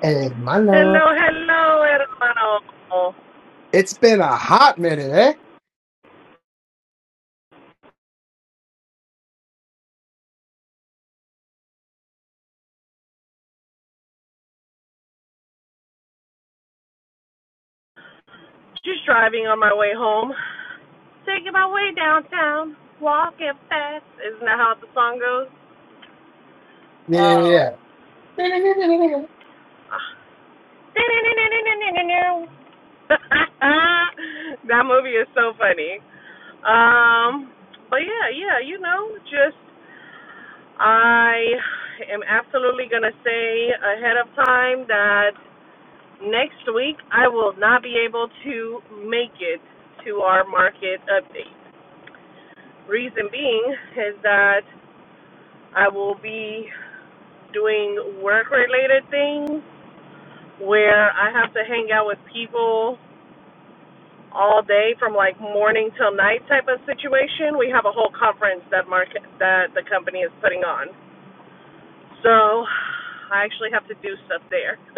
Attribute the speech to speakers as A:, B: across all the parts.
A: Hey, my love,
B: Hello, hello, hermano.
A: it's been a hot minute, eh?
B: Just driving on my way home. Taking my way downtown. Walking fast. Isn't that how the song goes?
A: Yeah,
B: Oh.
A: yeah, yeah.
B: that movie is so funny. Um, but yeah, yeah, you know, just I am absolutely going to say ahead of time that next week I will not be able to make it to our market update. Reason being is that I will be doing work related things where I have to hang out with people all day from like morning till night type of situation. We have a whole conference that market that the company is putting on. So I actually have to do stuff there.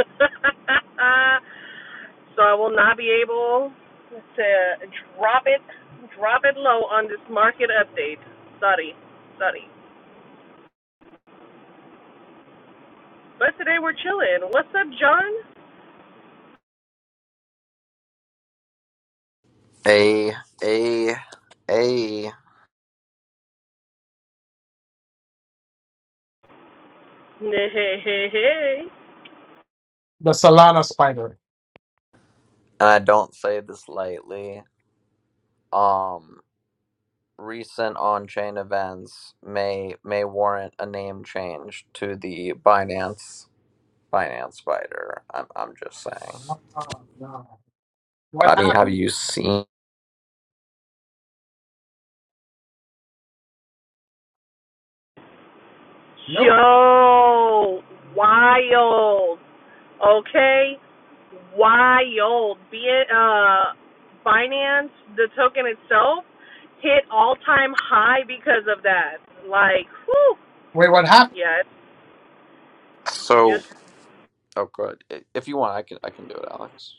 B: so I will not be able to drop it drop it low on this market update. Sorry. Sorry. But today we're chilling. What's up, John?
C: A a a and
B: Hey, hey, hey.
A: The Solana spider.
C: I don't say this lightly. Um recent on-chain events may may warrant a name change to the Binance Binance Spider. I'm I'm just saying.
A: Oh, no. What
C: I mean, have
A: happened?
C: you seen
B: hey.
A: Nope.
B: Yo, wild. Okay. Wild. Be it, uh, Binance, the token itself, hit all time high because of that. Like, whew.
A: Wait, what happened?
B: Yeah, it's
C: so
B: just
C: oh good. I- If you want I can I can do it, Alex.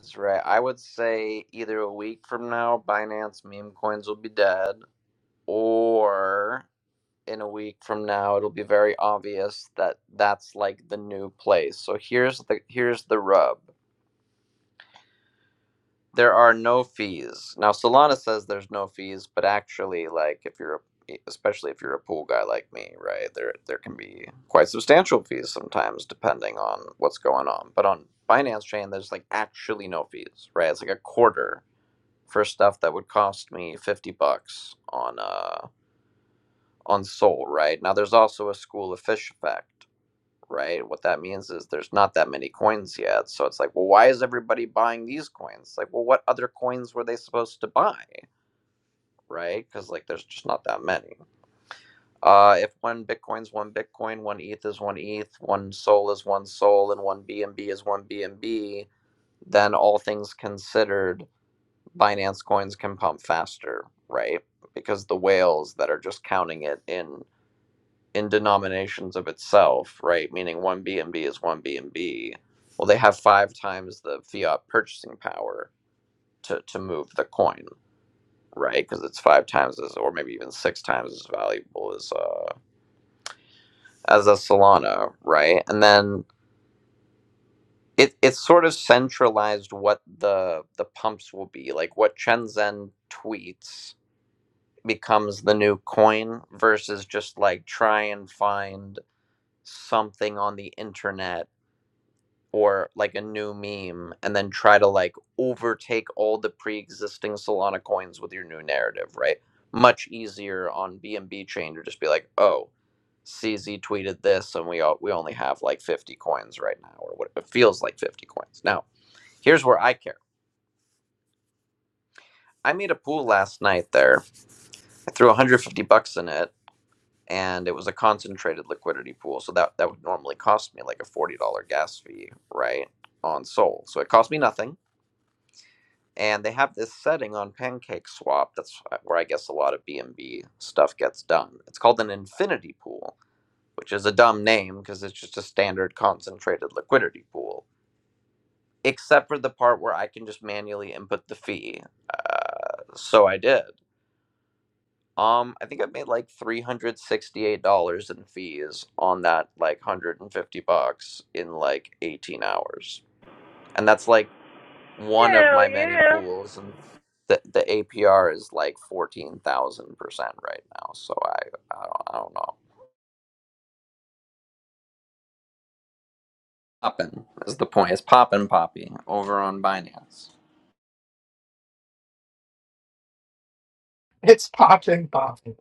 C: That's right. I would say either a week from now Binance meme coins will be dead or in a week from now it'll be very obvious that that's like the new place so here's the here's the rub there are no fees now solana says there's no fees but actually like if you're a, e, especially if you're a pool guy like me right there there can be quite substantial fees sometimes depending on what's going on but on binance chain there's like actually no fees right it's like a quarter for stuff that would cost me 50 bucks on uh on soul right now there's also a school of fish effect right? What that means is there's not that many coins yet. So it's like, well, why is everybody buying these coins? Like, well, what other coins were they supposed to buy, right? Because like there's just not that many. Uh, if one Bitcoin's one Bitcoin, one ETH is one ETH, one SOL is one SOL, and one BNB is one BNB, then all things considered, Binance coins can pump faster, right? Because the whales that are just counting it in in denominations of itself, right? Meaning one BNB is one BNB. Well, they have five times the fiat purchasing power to to move the coin, right? Because it's five times as, or maybe even six times as valuable as uh, as a Solana, right? And then it it's sort of centralized what the the pumps will be, like what Shenzhen tweets becomes the new coin versus just like try and find something on the internet or like a new meme and then try to like overtake all the pre-existing solana coins with your new narrative right much easier on bnb chain to just be like oh cz tweeted this and we all, we only have like 50 coins right now or what it feels like 50 coins now here's where i care i made a pool last night there i threw 150 bucks in it and it was a concentrated liquidity pool so that that would normally cost me like a $40 gas fee right on sol so it cost me nothing and they have this setting on pancake swap that's uh, where i guess a lot of BNB stuff gets done it's called an infinity pool which is a dumb name because it's just a standard concentrated liquidity pool except for the part where i can just manually input the fee uh, so i did um i think i made like $368 in fees on that like 150 bucks in like 18 hours and that's like one of my
B: hell
C: many
B: yeah.
C: pools, and the the APR is like fourteen thousand percent right now. So I I don't, I don't know. Poppin is the point. It's poppin' poppy over on Binance.
A: It's popping, popping.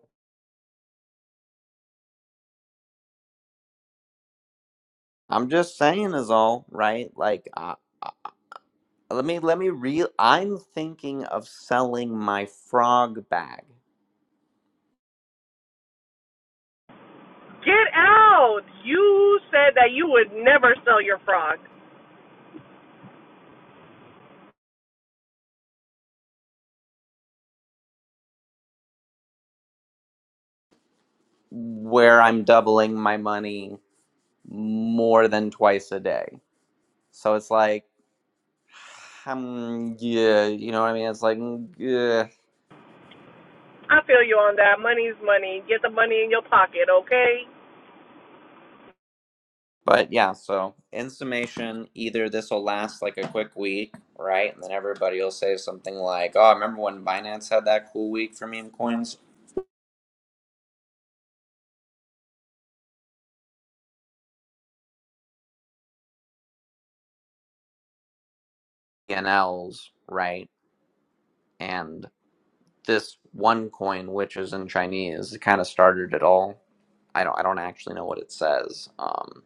C: I'm just saying is all right. Like uh, uh, let me let me real. I'm thinking of selling my frog bag,
B: Get out. You said that you would never sell your frog.
C: where I'm doubling my money more than twice a day. So it's like. Um, yeah, you know what I mean? It's like, mm, yeah.
B: I feel you on that. Money's money. Get the money in your pocket, okay?
C: But yeah, so in summation, either this will last like a quick week, right? And then everybody will say something like, oh, I remember when Binance had that cool week for meme coins? BNLs, right? And this one coin, which is in Chinese, it kind of started it all. I don't, I don't actually know what it says. Um,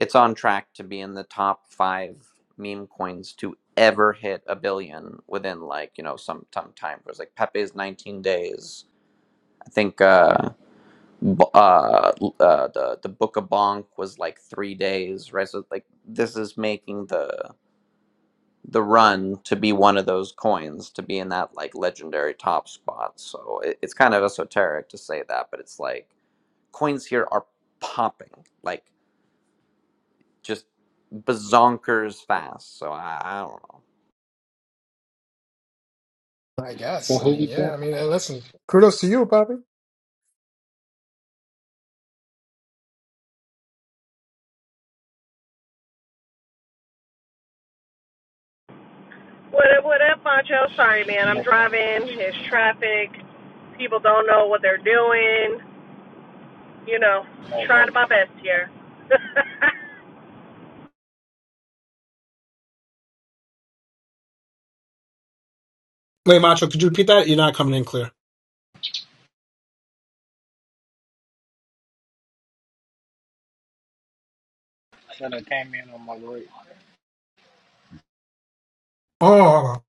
C: it's on track to be in the top five meme coins to ever hit a billion within like, you know, some, some time. It was like Pepe's 19 days. I think. uh b- uh, uh, the the Book of Bonk was like three days, right? So like this is making the the run to be one of those coins to be in that like legendary top spot. So it, it's kind of esoteric to say that, but it's like coins here are popping like just bazonkers fast. So I, I don't know.
A: I
D: So
A: guess. I
D: who
A: mean,
D: was
A: yeah. I
D: jumping?
A: mean, hey, listen, kudos to you, Poppy.
B: What up, what up, Macho? Sorry, man. I'm
D: No, no,
B: driving. It's traffic. People don't know what they're doing. You know,
D: no
B: trying
D: work.
B: my best here.
A: Wait, Macho, could you repeat that? You're not coming in clear.
D: So they came in on my break.
A: Oh,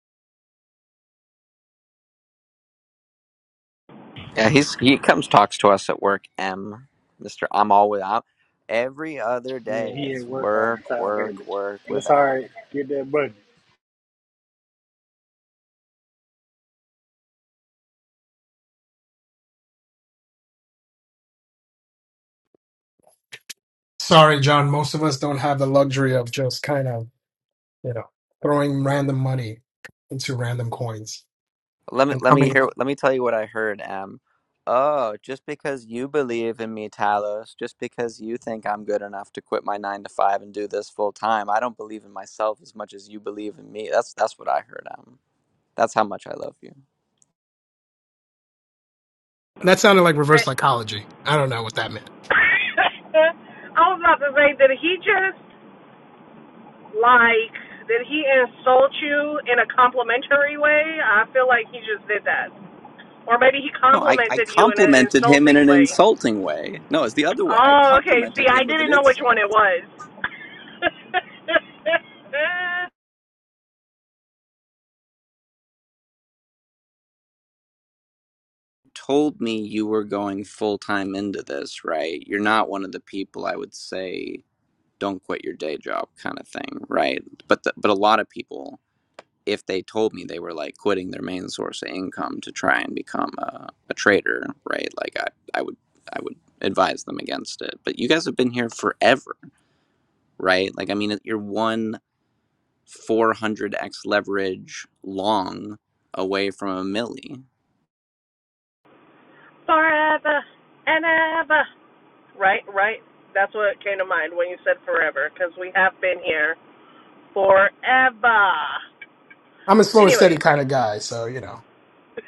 C: Yeah, he's he comes talks to us at work. M, Mister, I'm always out every other
D: Yeah,
C: day.
D: he at
C: It's
D: work all the
C: work,
D: time,
C: work,
D: baby.
C: work with
D: That's all
C: M.
D: right. Get that money.
A: sorry, John. Most of us don't have the luxury of just kind of, you know, throwing random money into random coins
C: Let me
A: and
C: let me
A: coming.
C: hear let me tell you what I heard, Em. Oh, just because you believe in me, Talos, just because you think I'm good enough to quit my nine to five and do this full time, I don't believe in myself as much as you believe in me. That's that's what I heard, Em. That's how much I love you.
A: That sounded like reverse
B: That-
A: psychology. I don't know what that meant.
B: I was about to say, did he just, like, did he insult you in a complimentary way? I feel like he just did that. Or maybe he
C: No, I, I
B: complimented you in an
C: complimented him in
B: insulting
C: an
B: way.
C: insulting way. No, it's the other way. I
B: Oh, okay. See,
C: complimented
B: I
C: him with an
B: didn't know which one
C: insult.
B: it was.
C: Told me you were going full time into this, right? You're not one of the people I would say don't quit your day job kind of thing, right? But the, but a lot of people, if they told me they were like quitting their main source of income to try and become a, a trader, right? Like I, I would I would advise them against it. But you guys have been here forever, right? Like I mean, you're one 400x leverage long away from a milli.
B: forever and ever. Right, right. That's what came to mind when you said forever, because we have been here forever.
A: I'm a slow and steady
B: Anyways.
A: kind of guy, so you know.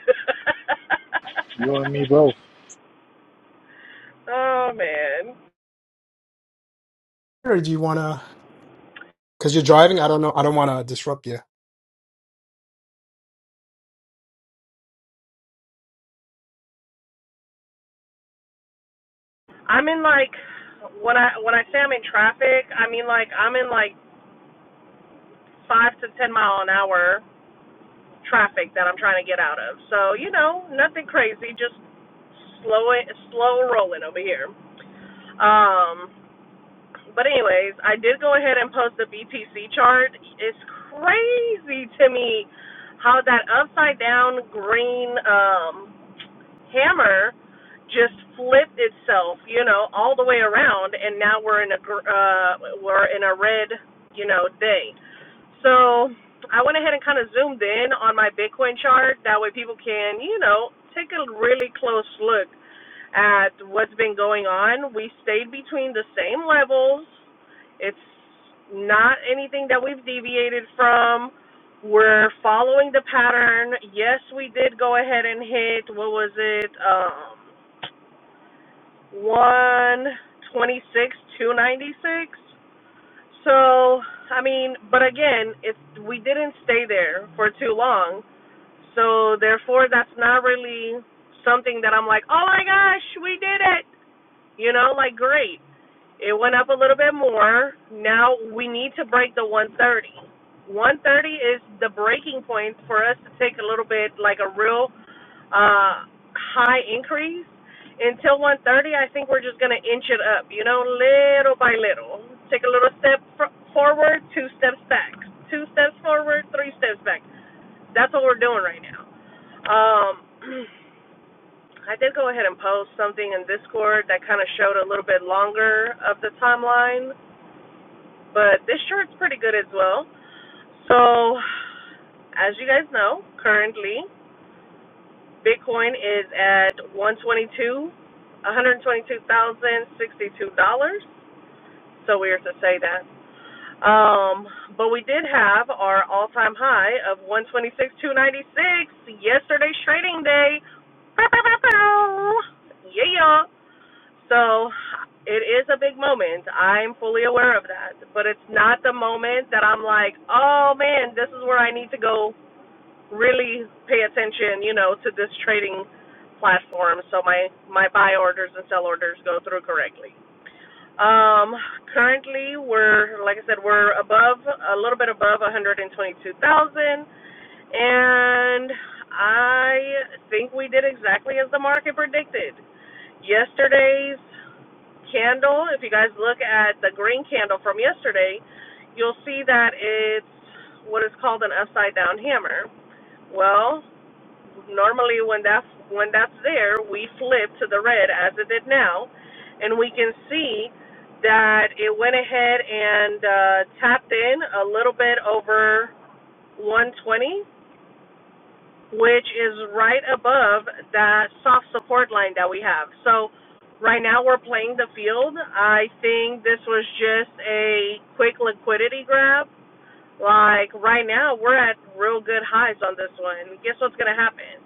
D: You and me both.
B: oh man,
A: Or do you want to? Because you're driving. I don't know. I don't want to disrupt you.
B: I'm in like when I when I say I'm in traffic, I mean like I'm in like five to ten mile an hour traffic that I'm trying to get out of. So you know, nothing crazy, just slow it, slow rolling over here. Um, But anyways, I did go ahead and post the BTC chart. It's crazy to me how that upside down green um hammer just flipped itself, you know, all the way around and now we're in a uh we're in a red, you know, day. So, I went ahead and kind of zoomed in on my Bitcoin chart that way people can, you know, take a really close look at what's been going on. We stayed between the same levels. It's not anything that we've deviated from. We're following the pattern. Yes, we did go ahead and hit what was it? Um 126 296. So, I mean, but again, it's we didn't stay there for too long. So, therefore that's not really something that I'm like, "Oh my gosh, we did it." You know, like great. It went up a little bit more. Now we need to break the 130. 130 is the breaking point for us to take a little bit like a real uh high increase. Until 130, I think we're just going to inch it up, you know, little by little. Take a little step fr- forward, two steps back. Two steps forward, three steps back. That's what we're doing right now. Um I did go ahead and post something in Discord that kind of showed a little bit longer of the timeline, but this short's pretty good as well. So, as you guys know, currently Bitcoin is at 122, $122,062. So weird to say that. Um, but we did have our all-time high of 126,296 yesterday's trading day. Yeah. yeah. So it is a big moment. I'm fully aware of that. But it's not the moment that I'm like, oh man, this is where I need to go really pay attention, you know, to this trading platform so my, my buy orders and sell orders go through correctly. Um, currently, we're like I said, we're above a little bit above 122,000, and I think we did exactly as the market predicted. Yesterday's candle, if you guys look at the green candle from yesterday, you'll see that it's what is called an upside down hammer. Well, normally when that's when that's there we flip to the red as it did now and we can see that it went ahead and uh, tapped in a little bit over 120 which is right above that soft support line that we have so right now we're playing the field i think this was just a quick liquidity grab like right now we're at real good highs on this one guess what's going to happen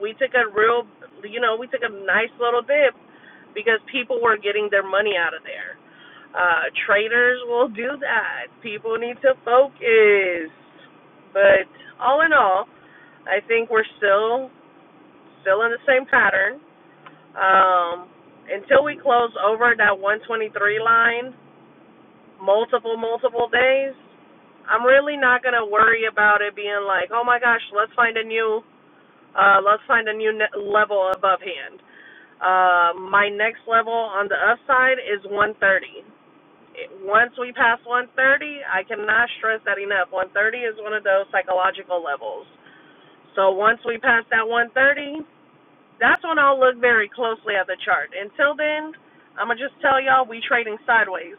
B: we took a real, you know, we took a nice little dip because people were getting their money out of there. Uh, traders will do that. People need to focus. But all in all, I think we're still still in the same pattern. Um, until we close over that 123 line multiple multiple days, I'm really not gonna worry about it being like, oh my gosh, let's find a new uh, let's find a new level above hand uh, my next level on the upside is 130. Once we pass 130, I cannot stress that enough. 130 is one of those psychological levels. So once we pass that 130, that's when I'll look very closely at the chart. Until then, I'm gonna just tell y'all we trading sideways,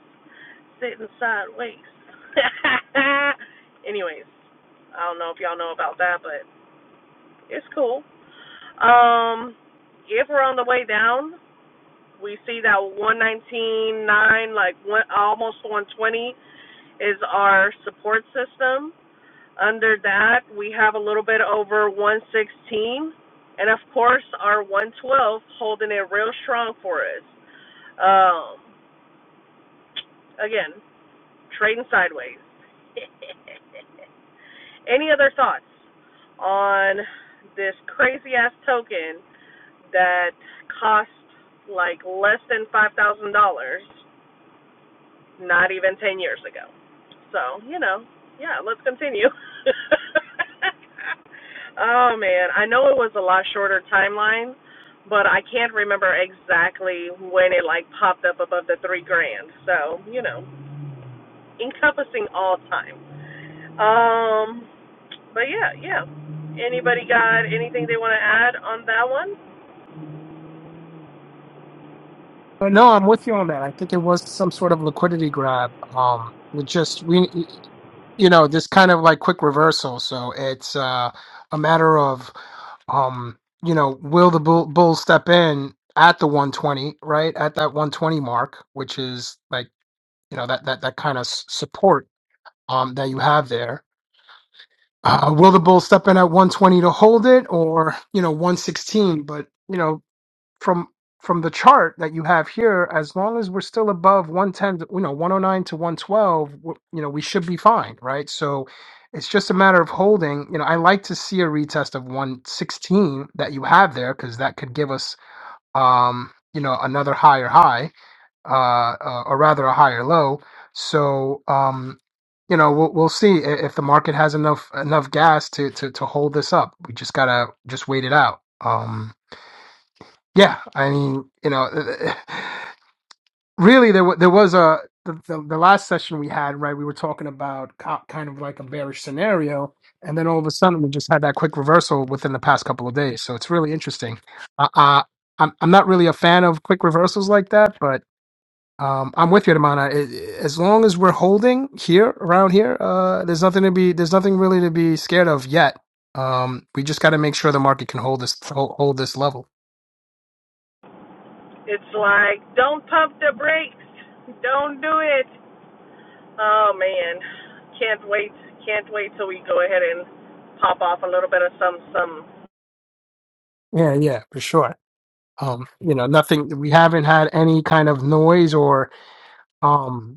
B: sitting sideways. Anyways, I don't know if y'all know about that, but it's cool. Um, if we're on the way down, We see that 119.9, like one, almost 120, is our support system. Under that, we have a little bit over 116. And of course, our 112 holding it real strong for us. Um, again, trading sideways. Any other thoughts on this crazy ass token that cost like less than $5,000? not even 10 years ago. So, you know, yeah, let's continue. oh man, I know it was a lot shorter timeline, but I can't remember exactly when it like popped up above the 3 grand. So, you know, encompassing all time. Um but yeah, yeah. Anybody got anything they want to add on that one?
A: Uh, No, I'm with you on that. I think it was some sort of liquidity grab. Um, we just we, you know, this kind of like quick reversal. So it's uh, a matter of, um, you know, will the bull, bull step in at the 120, right at that 120 mark, which is like you know that that that kind of s- support um that you have there Uh, will the Bulls step in at 120 to hold it, or you know 116? But you know from from the chart that you have here, as long as we're still above 110, you know 109 to 112, you know we should be fine, right? So it's just a matter of holding. You know I like to see a retest of 116 that you have there because that could give us um you know another higher high uh, uh, or rather a higher low. So um, you know we'll we'll see i- if the market has enough enough gas to to to hold this up. We just gotta just wait it out. Um, yeah, I mean you know really there wa- there was a the, the, the last session we had right we were talking about co- kind of like a bearish scenario and then all of a sudden we just had that quick reversal within the past couple of days so it's really interesting uh, uh, I'm, I'm not really a fan of quick reversals like that but. Um, I'm with you, Damana. It- As long as we're holding here around here, uh, there's nothing to be there's nothing really to be scared of yet. Um, we just got to make sure the market can hold this hold hold this level.
B: It's like don't pump the brakes. Don't do it. Oh man, can't wait! Can't wait till we go ahead and pop off a little bit of some some.
A: Yeah, yeah, for sure. Um, you know, nothing. We haven't had any kind of noise or um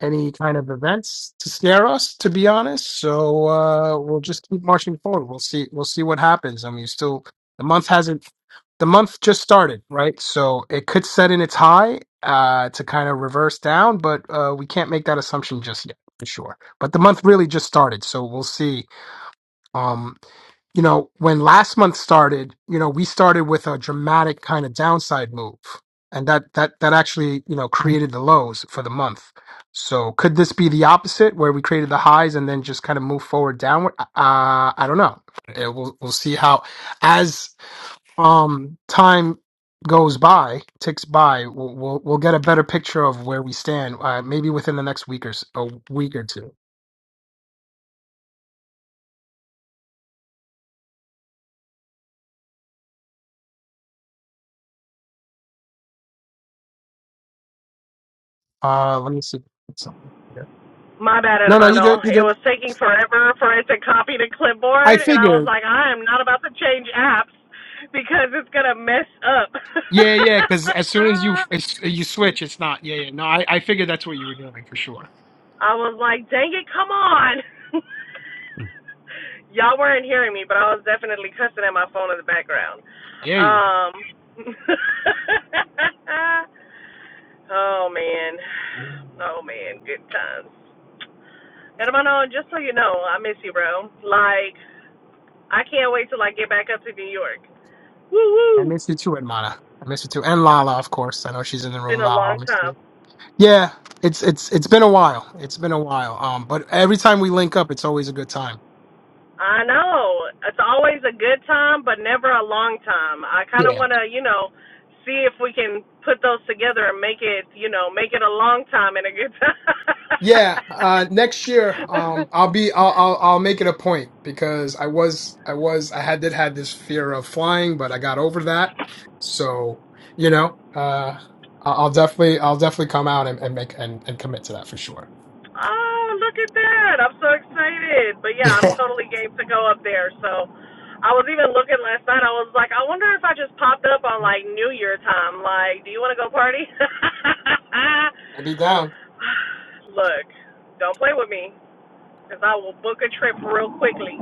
A: any kind of events to scare us, to be honest. So uh, we'll just keep marching forward. We'll see. We'll see what happens. I mean, still, the month hasn't. The month just started, right? So it could set in its high uh, to kind of reverse down, but uh, we can't make that assumption just yet, for sure. But the month really just started, so we'll see. Um, you know, when last month started, you know, we started with a dramatic kind of downside move. And that that that actually, you know, created the lows for the month. So could this be the opposite where we created the highs and then just kind of move forward downward? Uh uh, I don't know. It, we'll we'll see how as um time goes by, ticks by, we'll we'll, we'll get a better picture of where we stand uh, maybe within the next week or s- a week or two. Uh let me see something here.
B: My bad,
A: No, no, you
B: hermano.
A: did you
B: It
A: did.
B: was taking forever for it to copy to
A: I
B: clipboard, and I
A: figured.
B: was like, I am not about to change apps because it's gonna mess up.
A: Yeah, yeah, because as soon as you as you switch, it's not. Yeah, yeah. No, I, I figured that's what you were doing for sure.
B: I was like, dang it, come on!
A: Mm.
B: Y'all weren't hearing me, but I was definitely cussing at my phone in the background.
A: Yeah, you were.
B: Um. Oh man. Oh man, good times. And I'm Hermano, just so you know, I miss you, bro. Like, I can't wait till I get back up to New York.
A: I
B: Woo woo.
A: miss you too, Edmana. I miss you too, and Lala, of course. I know she's in the
B: It's been
A: room.
B: a
A: Lala, I
B: long
A: miss you.
B: time.
A: Yeah, it's it's it's been a while. It's been a while. Um, but every time we link up, it's always a good time.
B: I know. It's always a good time, but never a long time. I kind of want to, you know, see if we can put those together and make it, you know, make it a long time and a good
A: Yeah, uh, next year,
B: time.
A: um, I'll be, I'll, I'll, I'll make it a point because I was, I was, I had did had this fear of flying, but I got over that. So, you know, uh, I- I'll definitely, I'll definitely come out and, and make and, and commit to that for sure.
B: Oh, look at that. I'm so excited. But yeah, I'm totally game to go up there. So I was even looking last night. I was like, I wonder if I just popped up on
A: I'll
B: like New Year time. Like, do you want to go party?
A: be down.
B: look, don't play with me because I will book a trip real quickly.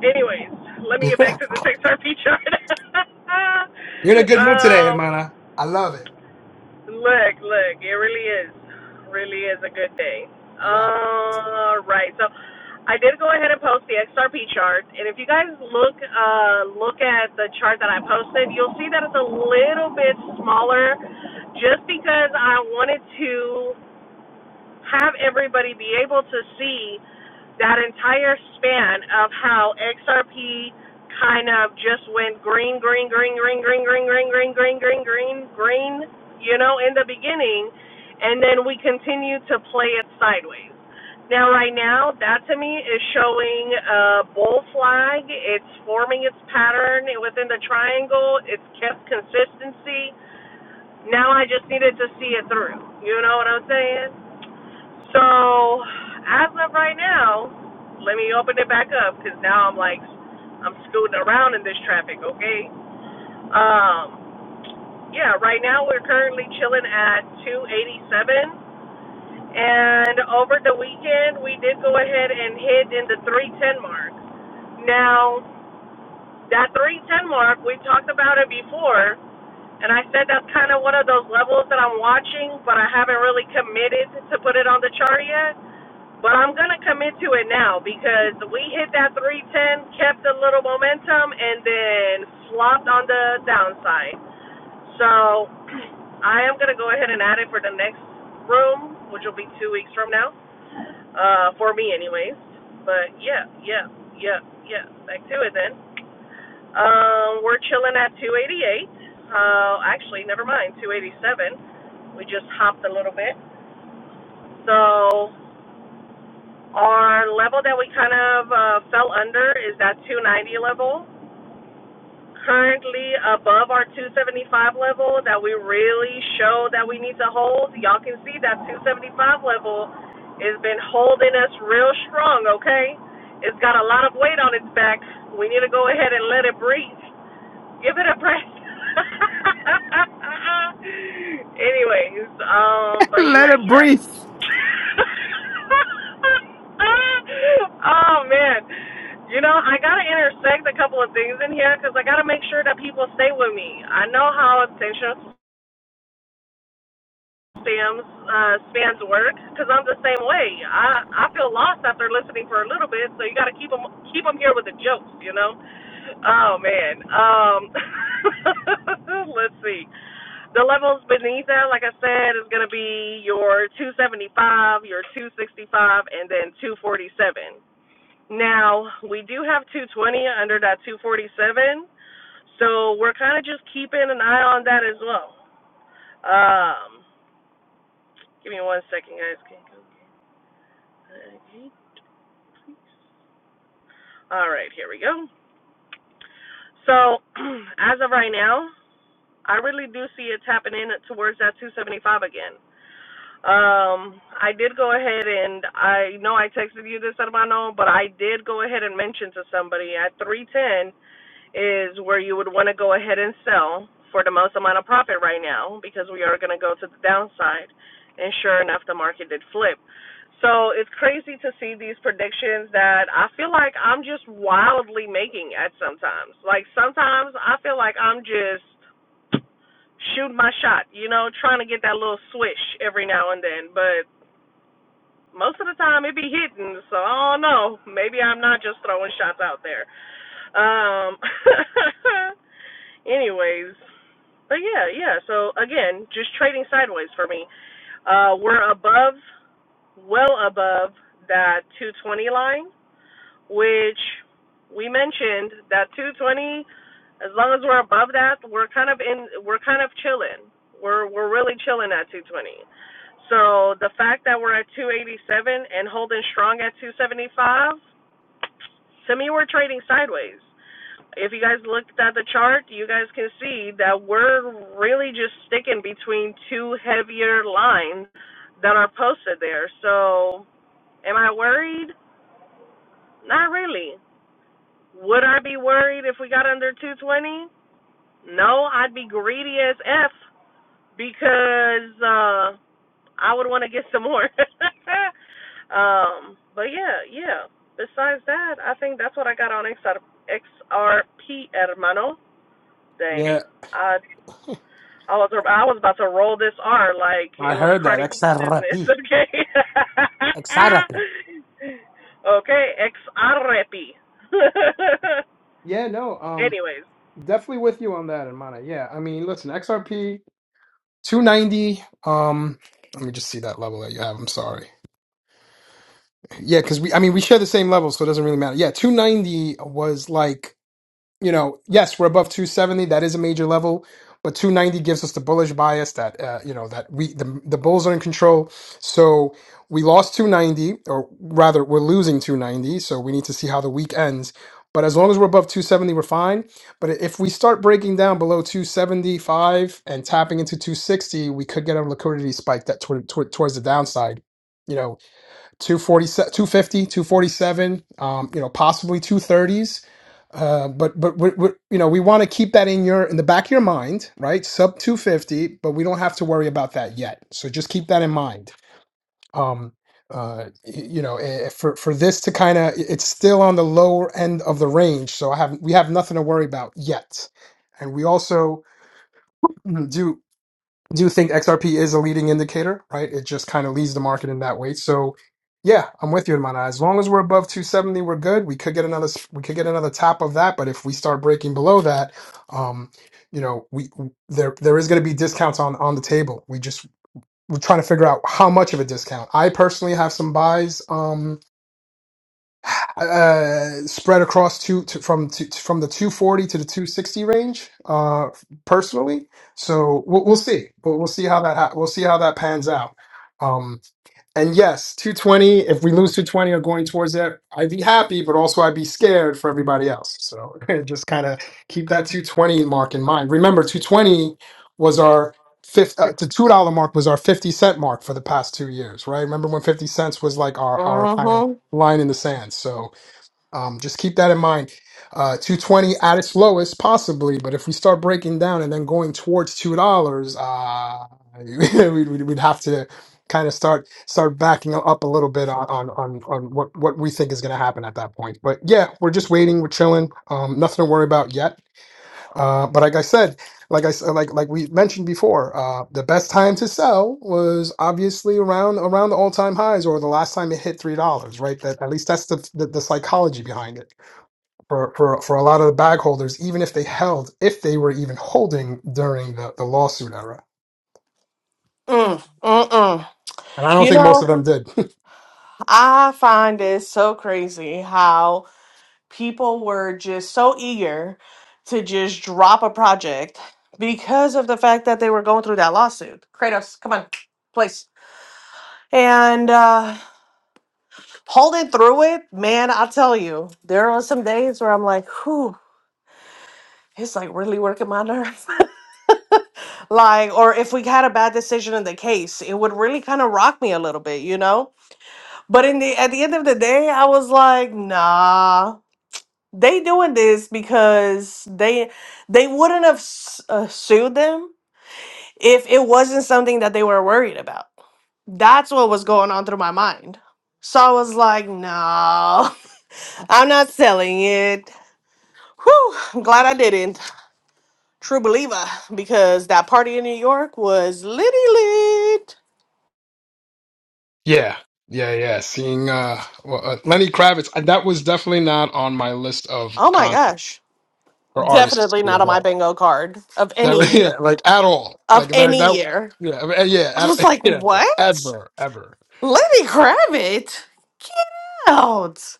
B: Anyways, let
A: You're
B: me get back to this XRP chart.
A: in a good mood today,
B: Um.
A: hermana. I love it.
B: Look, look, it really is, really is a good day.
A: I love
B: All right, so I did go ahead and post the XRP chart, and if you guys look, uh, look at the chart that I posted, you'll see that it's a little bit smaller, just because I wanted to have everybody be able to see that entire span of how XRP kind of just went green, green, green, green, green, green, green, green, green, green, green, green, you know, in the beginning, and then we continue to play it sideways. Now, right now, that to me is showing a bull flag. It's forming its pattern within the triangle. It's kept consistency. Now I just needed to see it through. You know what I'm saying? So as of right now, let me open it back up because now I'm like I'm scooting around in this traffic. Okay. Um. Yeah. Right now we're currently chilling at 287, and over the weekend we did go ahead and hit in the 310 mark. Now that 310 mark, we talked about it before. And I said that's kind of one of those levels that I'm watching, but I haven't really committed to put it on the chart yet. But I'm going to commit to it now because we hit that 310, kept a little momentum, and then flopped on the downside. So I am going to go ahead and add it for the next room, which will be two weeks from now, uh, for me, anyways. But yeah, yeah, yeah, yeah. Back to it then. Um, we're chilling at 288. Uh, actually, never mind, 287. We just hopped a little bit. So our level that we kind of uh, fell under is that 290 level currently above our 275 level that we really show that we need to hold. Y'all can see that 275 level has been holding us real strong, okay? It's got a lot of weight on its back. We need to go ahead and let it breathe. Give it a breath. Anyways, um, but
A: Let
B: yeah,
A: it
B: yeah.
A: breathe.
B: oh man, you know I gotta intersect a couple of things in here because I gotta make sure that people stay with me. I know how attention Sam's uh, Span's work because I'm the same way. I I feel lost after listening for a little bit, so you got to keep them keep them here with the jokes, you know. Oh man. Um, let's see. The levels beneath that, like I said, is gonna be your 275, your 265, and then 247. Now we do have 220 under that 247, so we're kind of just keeping an eye on that as well. Um, Give me one second, guys. All right, here we go. So, as of right now, I really do see it tapping in towards that 275 again. Um, I did go ahead and I know I texted you this, hermano, but I did go ahead and mention to somebody at 310. is where you would want to go ahead and sell for the most amount of profit right now because we are going to go to the downside. And sure enough, the market did flip. So it's crazy to see these predictions that I feel like I'm just wildly making at sometimes. Like sometimes I feel like I'm just shooting my shot, you know, trying to get that little swish every now and then. But most of the time it be hitting, so I don't know. Maybe I'm not just throwing shots out there. Um anyways, but yeah, yeah. So again, just trading sideways for me. Uh, we're above, well above that 220 line, which we mentioned that 220. As long as we're above that, we're kind of in. We're kind of chilling. We're we're really chilling at 220. So the fact that we're at 287 and holding strong at 275, to me, we're trading sideways if you guys looked at the chart, you guys can see that we're really just sticking between two heavier lines that are posted there. So, am I worried? Not really. Would I be worried if we got under 220? No, I'd be greedy as F because uh, I would want to get some more. um, but yeah, yeah. Besides that, I think that's what I got on XR, XRP, hermano.
A: it.
B: Dang.
A: Yeah,
B: I I was I was about to roll this R like
A: I
B: it was
A: heard that.
B: Cardi B's
A: XRP.
B: business. Okay.
A: XRP.
B: okay. Ex arrepi.
A: Yeah, no, um,
B: Anyways.
A: definitely with you on that, hermana. Yeah, I mean, listen, XRP. 290. Um, let me just see that level that you have. I'm sorry. Yeah, because we, I mean, we share the same level, so it doesn't really matter. Yeah, 290 was like you know, yes, we're above 270. That is a major level, but 290 gives us the bullish bias that uh, you know that we the the bulls are in control. So we lost 290, or rather, we're losing 290. So we need to see how the week ends. But as long as we're above 270, we're fine. But if we start breaking down below 275 and tapping into 260, we could get a liquidity spike that toward, toward, towards the downside. You know, 247, fifty, two forty-seven. um, you know, possibly 230s. Uh, but but we, we, you know we want to keep that in your in the back of your mind, right? Sub 250, but we don't have to worry about that yet. So just keep that in mind. Um, uh, y- you know, eh, eh, for for this to kind of it's still on the lower end of the range, so I have we have nothing to worry about yet. And we also do do think XRP is a leading indicator, right? It just kind of leads the market in that way. So yeah, I'm with you in As long as we're above 270, we're good. We could get another we could get another tap of that, but if we start breaking below that, um, you know, we there there is going to be discounts on on the table. We just we're trying to figure out how much of a discount. I personally have some buys. Um, uh, spread across two to, from to, from the 240 to the 260 range uh, personally. So we'll, we'll see. We'll, we'll see how that ha- we'll see how that pans out. Um, and yes, 220. If we lose 220 or going towards that, I'd be happy, but also I'd be scared for everybody else. So just kind of keep that 220 mark in mind. Remember, 220 was our fifth. Uh, the two dollar mark was our 50 cent mark for the past two years, right? Remember when 50 cents was like our our kind of
B: Mm-hmm.
A: line in the sand. So um, just keep that in mind. Uh, 220 at its lowest, possibly, but if we start breaking down and then going towards two dollars, uh, we'd, we'd we'd have to kind of start start backing up a little bit on on on, on what what we think is going to happen at that point. But yeah, we're just waiting, we're chilling, um, nothing to worry about yet. Uh, but like I said, like I s- like like we mentioned before, uh, the best time to sell was obviously around around the all time highs or the last time it hit three dollars, right? That at least that's the, the the psychology behind it for, for, for a lot of the bag holders, even if they held, if they were even holding during the, the lawsuit era.
B: Uh huh. mm mm mm
A: And I don't
B: You
A: think most
B: know,
A: of them did.
B: I find it so crazy how people were just so eager to just drop a project because of the fact that they were going through that lawsuit. Kratos, come on, please. And uh, holding through it, man, I tell you, there are some days where I'm like, whew, it's like really working my nerves. like, or if we had a bad decision in the case, it would really kind of rock me a little bit, you know? But in the at the end of the day, I was like, nah. They doing this because they they wouldn't have s- uh, sued them if it wasn't something that they were worried about. That's what was going on through my mind. So I was like, no, I'm not selling it. Whew, I'm glad I didn't. True believer, because that party in New York was litty lit.
A: yeah. Yeah, yeah. Seeing uh, well, uh, Lenny Kravitz, uh, that was definitely not on my list of
B: Oh my
A: con
B: gosh.
A: or artists
B: Definitely
A: to see
B: not
A: at
B: on my
A: all.
B: bingo card of
A: That
B: any
A: was- yeah,
B: year.
A: like at all.
B: Of
A: Like that
B: any
A: that
B: year.
A: yeah, uh, yeah,
B: I was
A: at,
B: like,
A: yeah, like
B: what?
A: ever, ever.
B: Lenny Kravitz? Out.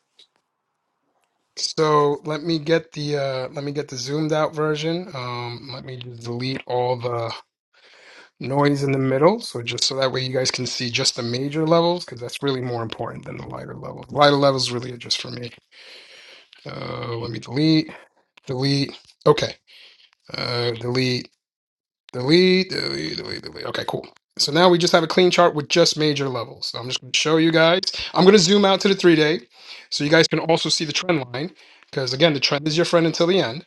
A: So let me get the uh let me get the zoomed out version. Um let me just delete all the noise in the middle. So just so that way you guys can see just the major levels, because that's really more important than the lighter levels. Lighter levels really are just for me. Uh, let me delete, delete. Okay. Uh, delete, delete, delete, delete, delete. Okay, cool. So now we just have a clean chart with just major levels. So I'm just going to show you guys. I'm going to zoom out to the three day so you guys can also see the trend line because, again, the trend is your friend until the end.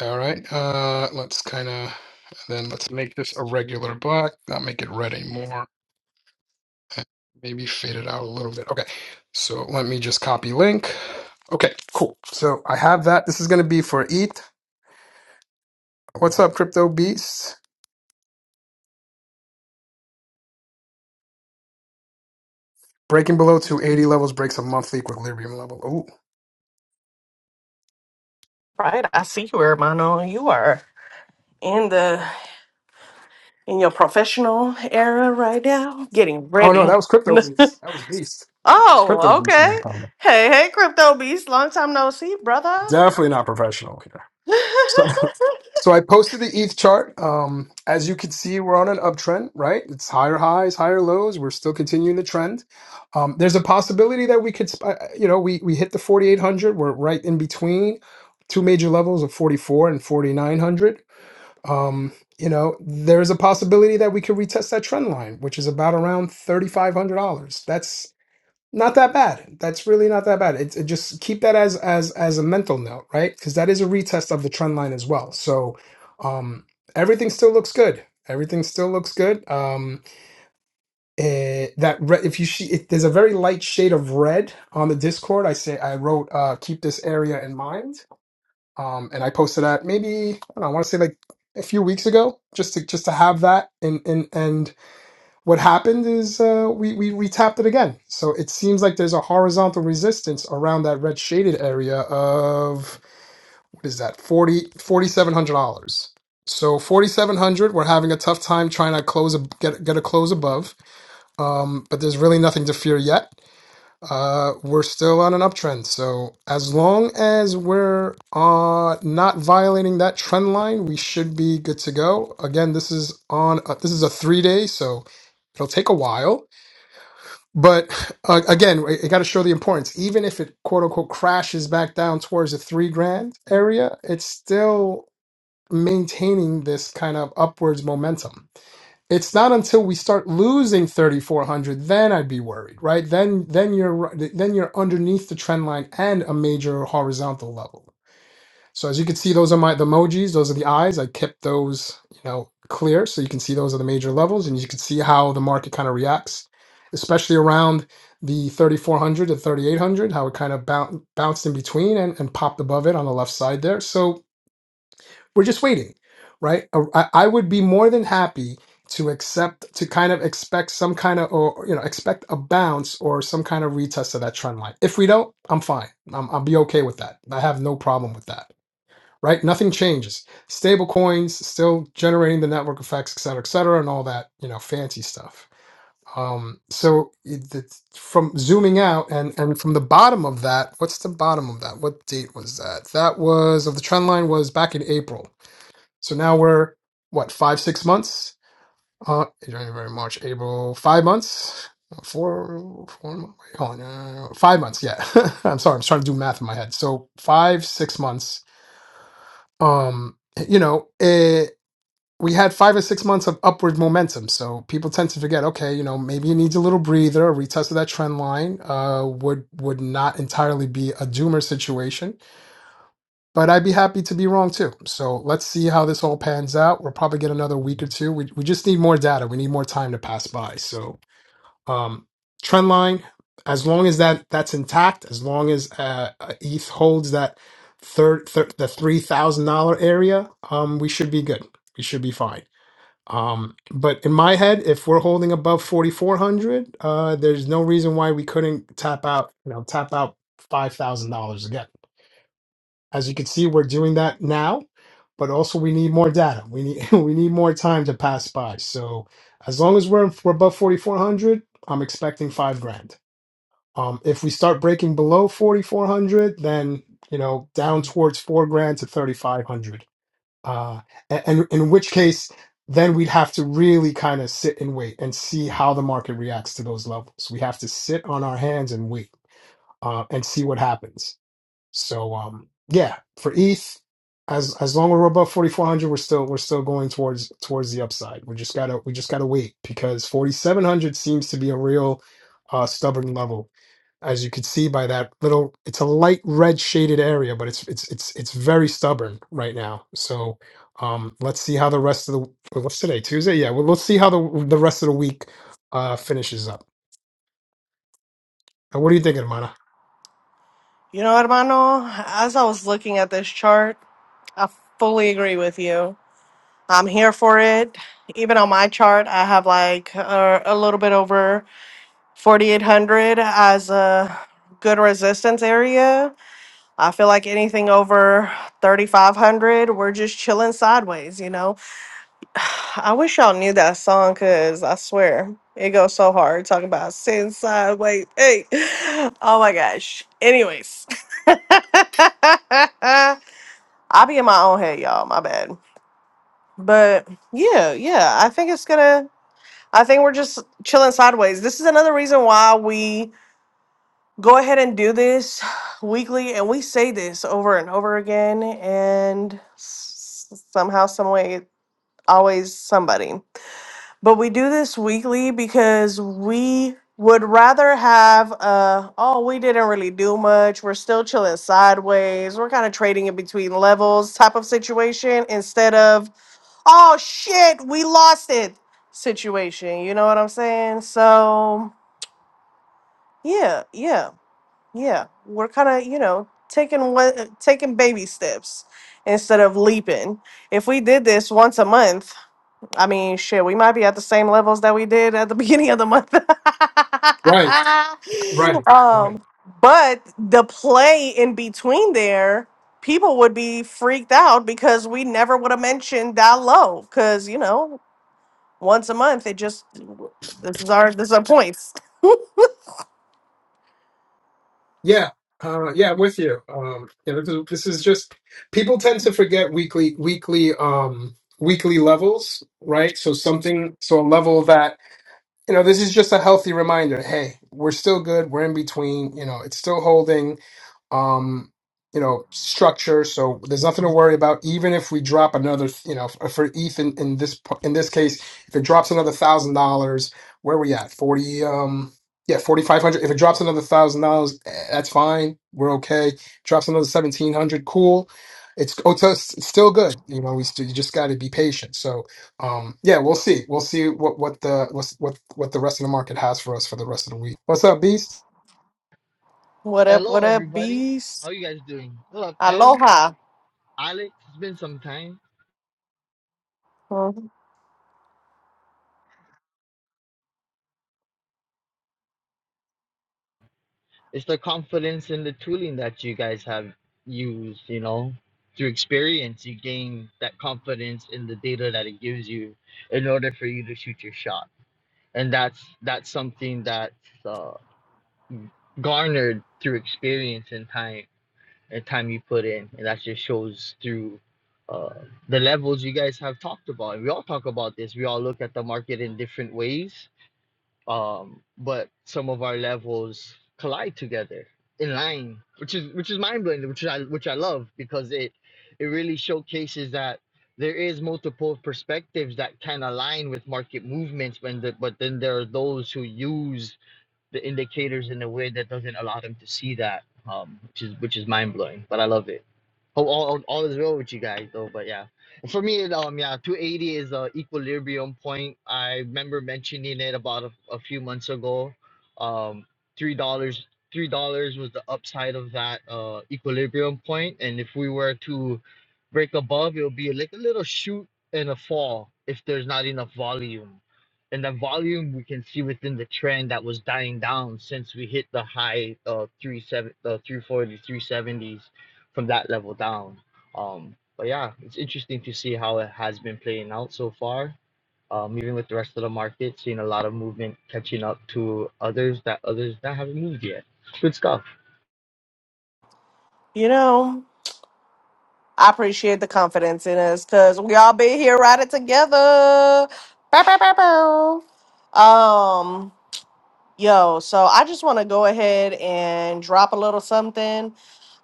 A: All right. Uh, let's kind of then let's make this a regular black, not make it red anymore. Maybe fade it out a little bit. Okay, so let me just copy link. Okay, cool. So I have that. This is going to be for ETH. What's up, Crypto Beast? Breaking below 280 levels breaks a monthly equilibrium level. Oh,
B: Right. I see you, hermano. You are in the in your professional era right now. Getting
A: oh no,
B: ready.
A: that was Crypto Beast. That was Beast. That was Crypto
B: oh,
A: Beast who made
B: okay.
A: a comment.
B: Hey, hey, crypto beast. Long time no see, brother.
A: Definitely not professional here. So I posted the ETH chart. Um, as you can see, we're on an uptrend, right? It's higher highs, higher lows. We're still continuing the trend. Um, there's a possibility that we could, sp- uh, you know, we we hit the 4,800. We're right in between two major levels of 44 and 4,900. Um, you know, there's a possibility that we could retest that trend line, which is about around $3,500. That's not that bad. That's really not that bad. It, it just keep that as as as a mental note, right? Because that is a retest of the trend line as well. So um everything still looks good. Everything still looks good. Um eh, that re if you sh it, there's a very light shade of red on the Discord. I say I wrote uh keep this area in mind. Um and I posted that maybe I don't know, I want to say like a few weeks ago just to just to have that in in and what happened is uh, we, we we tapped it again. So it seems like there's a horizontal resistance around that red shaded area of what is that forty forty seven hundred dollars. So 4700 we're having a tough time trying to close a, get get a close above. Um, but there's really nothing to fear yet. Uh, we're still on an uptrend. So as long as we're uh, not violating that trend line, we should be good to go. Again, this is on uh, this is a 3 day, so it'll take a while but uh, again, it got to show the importance. Even if it quote unquote crashes back down towards the three grand area, it's still maintaining this kind of upwards momentum. It's not until we start losing 3400 then I'd be worried, right? Then then you're then you're underneath the trend line and a major horizontal level. So as you can see, those are my the emojis. Those are the eyes. I kept those, you know, clear so you can see those are the major levels, and you can see how the market kind of reacts, especially around the 3400 to 3800, how it kind of bou- bounced in between and, and popped above it on the left side there. So we're just waiting, right? Uh, I, I would be more than happy to accept to kind of expect some kind of or you know expect a bounce or some kind of retest of that trend line. If we don't, I'm fine. I'm, I'll be okay with that. I have no problem with that right? Nothing changes. Stable coins still generating the network effects, et cetera, et cetera, and all that, you know, fancy stuff. Um, so it- it's from zooming out and, and from the bottom of that, what's the bottom of that? What date was that? That was of the trend line was back in April. So now we're what five, six months? Uh, January, March, April, five months, four, four, wait, hold on, uh, five months. Yeah. I'm sorry. I'm trying to do math in my head. So five, six months um you know it, we had five or six months of upward momentum so people tend to forget okay you know maybe it needs a little breather a retest of that trend line uh would would not entirely be a doomer situation but i'd be happy to be wrong too so let's see how this all pans out we'll probably get another week or two we, we just need more data we need more time to pass by so um, trend line, as long as that that's intact, as long as uh, uh, ETH holds that third thir- the three thousand dollar area, um, we should be good. We should be fine. Um, but in my head, if we're holding above forty four hundred, uh, there's no reason why we couldn't tap out. You know, tap out five thousand dollars again as you can see, we're doing that now, but also we need more data. We need we need more time to pass by. So as long as we're we're above 4,400, I'm expecting five grand. Um, if we start breaking below 4,400, then you know down towards four grand to 3,500. Uh, a- and, in which case, then we'd have to really kind of sit and wait and see how the market reacts to those levels. We have to sit on our hands and wait uh, and see what happens so um yeah, for ETH, as as long as we're above forty four hundred, we're still we're still going towards towards the upside. We just gotta we just gotta wait because forty seven hundred seems to be a real uh stubborn level. As you can see by that little it's a light red shaded area, but it's it's it's it's very stubborn right now. So um let's see how the rest of the well, what's today? Tuesday? Yeah, well let's see how the the rest of the week uh finishes up. And what are you thinking, Mana?
B: You know, hermano, as I was looking at this chart, I fully agree with you. I'm here for it. Even on my chart, I have like a, a little bit over 4,800 as a good resistance area. I feel like anything over 3,500, we're just chilling sideways, you know? I wish y'all knew that song because I swear it goes so hard talking about sin side. Wait, hey, oh my gosh. Anyways, I'll be in my own head, y'all. My bad. But yeah, yeah, I think it's gonna, I think we're just chilling sideways. This is another reason why we go ahead and do this weekly and we say this over and over again, and s- somehow, some way, always somebody. But we do this weekly because we would rather have uh oh we didn't really do much we're still chilling sideways we're kind of trading in between levels type of situation instead of oh shit we lost it situation you know what i'm saying so yeah yeah yeah we're kind of you know taking what taking baby steps instead of leaping if we did this once a month I mean, shit, we might be at the same levels that we did at the beginning of the month.
A: Right, right, right.
B: um, but the play in between there, people would be freaked out because we never would have mentioned that low. Because you know, once a month, it just this is our this is our points.
A: Yeah, uh, yeah, I'm with you. Um, you know, this, this is just people tend to forget weekly, weekly, um, weekly levels, right? So something, so a level that you know, this is just a healthy reminder. Hey, we're still good. We're in between. You know, it's still holding um, you know, structure. So there's nothing to worry about. Even if we drop another, you know, for ETH in, in this p- in this case, if it drops another thousand dollars, where we at? Forty, um, yeah, forty five hundred. If it drops another thousand dollars, eh, that's fine. We're okay. Drops another seventeen hundred, cool. It's oh, so it's it's still good. You know, we st- you just got to be patient. So, um, yeah, we'll see. We'll see what what the what's, what what the rest of the market has for us for the rest of the week. What's up, Beast?
B: What up?
E: Hello,
B: What up,
E: everybody. How
B: beast?
E: you guys doing? What up, M?
B: Aloha.
E: Alex, it's been some time.
B: Mhm.
E: It's the confidence in the tooling that you guys have used, you know, through experience, you gain that confidence in the data that it gives you in order for you to shoot your shot. And that's that's something that's uh, garnered through experience and time and time you put in, and that just shows through uh, the levels you guys have talked about. And we all talk about this. We all look at the market in different ways um, but some of our levels collide together in line, which is which is mind blowing, which I which I love because it it really showcases that there is multiple perspectives that can align with market movements when the, but then there are those who use the indicators in a way that doesn't allow them to see that um, which is which is mind blowing but i love it Oh, all, all all is well with you guys though, but yeah, for me, it, um, yeah, 280 is a equilibrium point. I remember mentioning it about a, a few months ago. Um, three dollars, three dollars was the upside of that uh equilibrium point, and if we were to break above, it'll be like a little shoot and a fall if there's not enough volume, and the volume we can see within the trend that was dying down since we hit the high uh three seven uh three forty, three seventies from that level down. Um, but yeah, it's interesting to see how it has been playing out so far. Um, even with the rest of the market, seeing a lot of movement catching up to others that others that haven't moved yet. Good stuff.
B: You know. I appreciate the confidence in us because we all been here riding together. Bow, bow, bow, bow. Um, yo, so I just want to go ahead and drop a little something.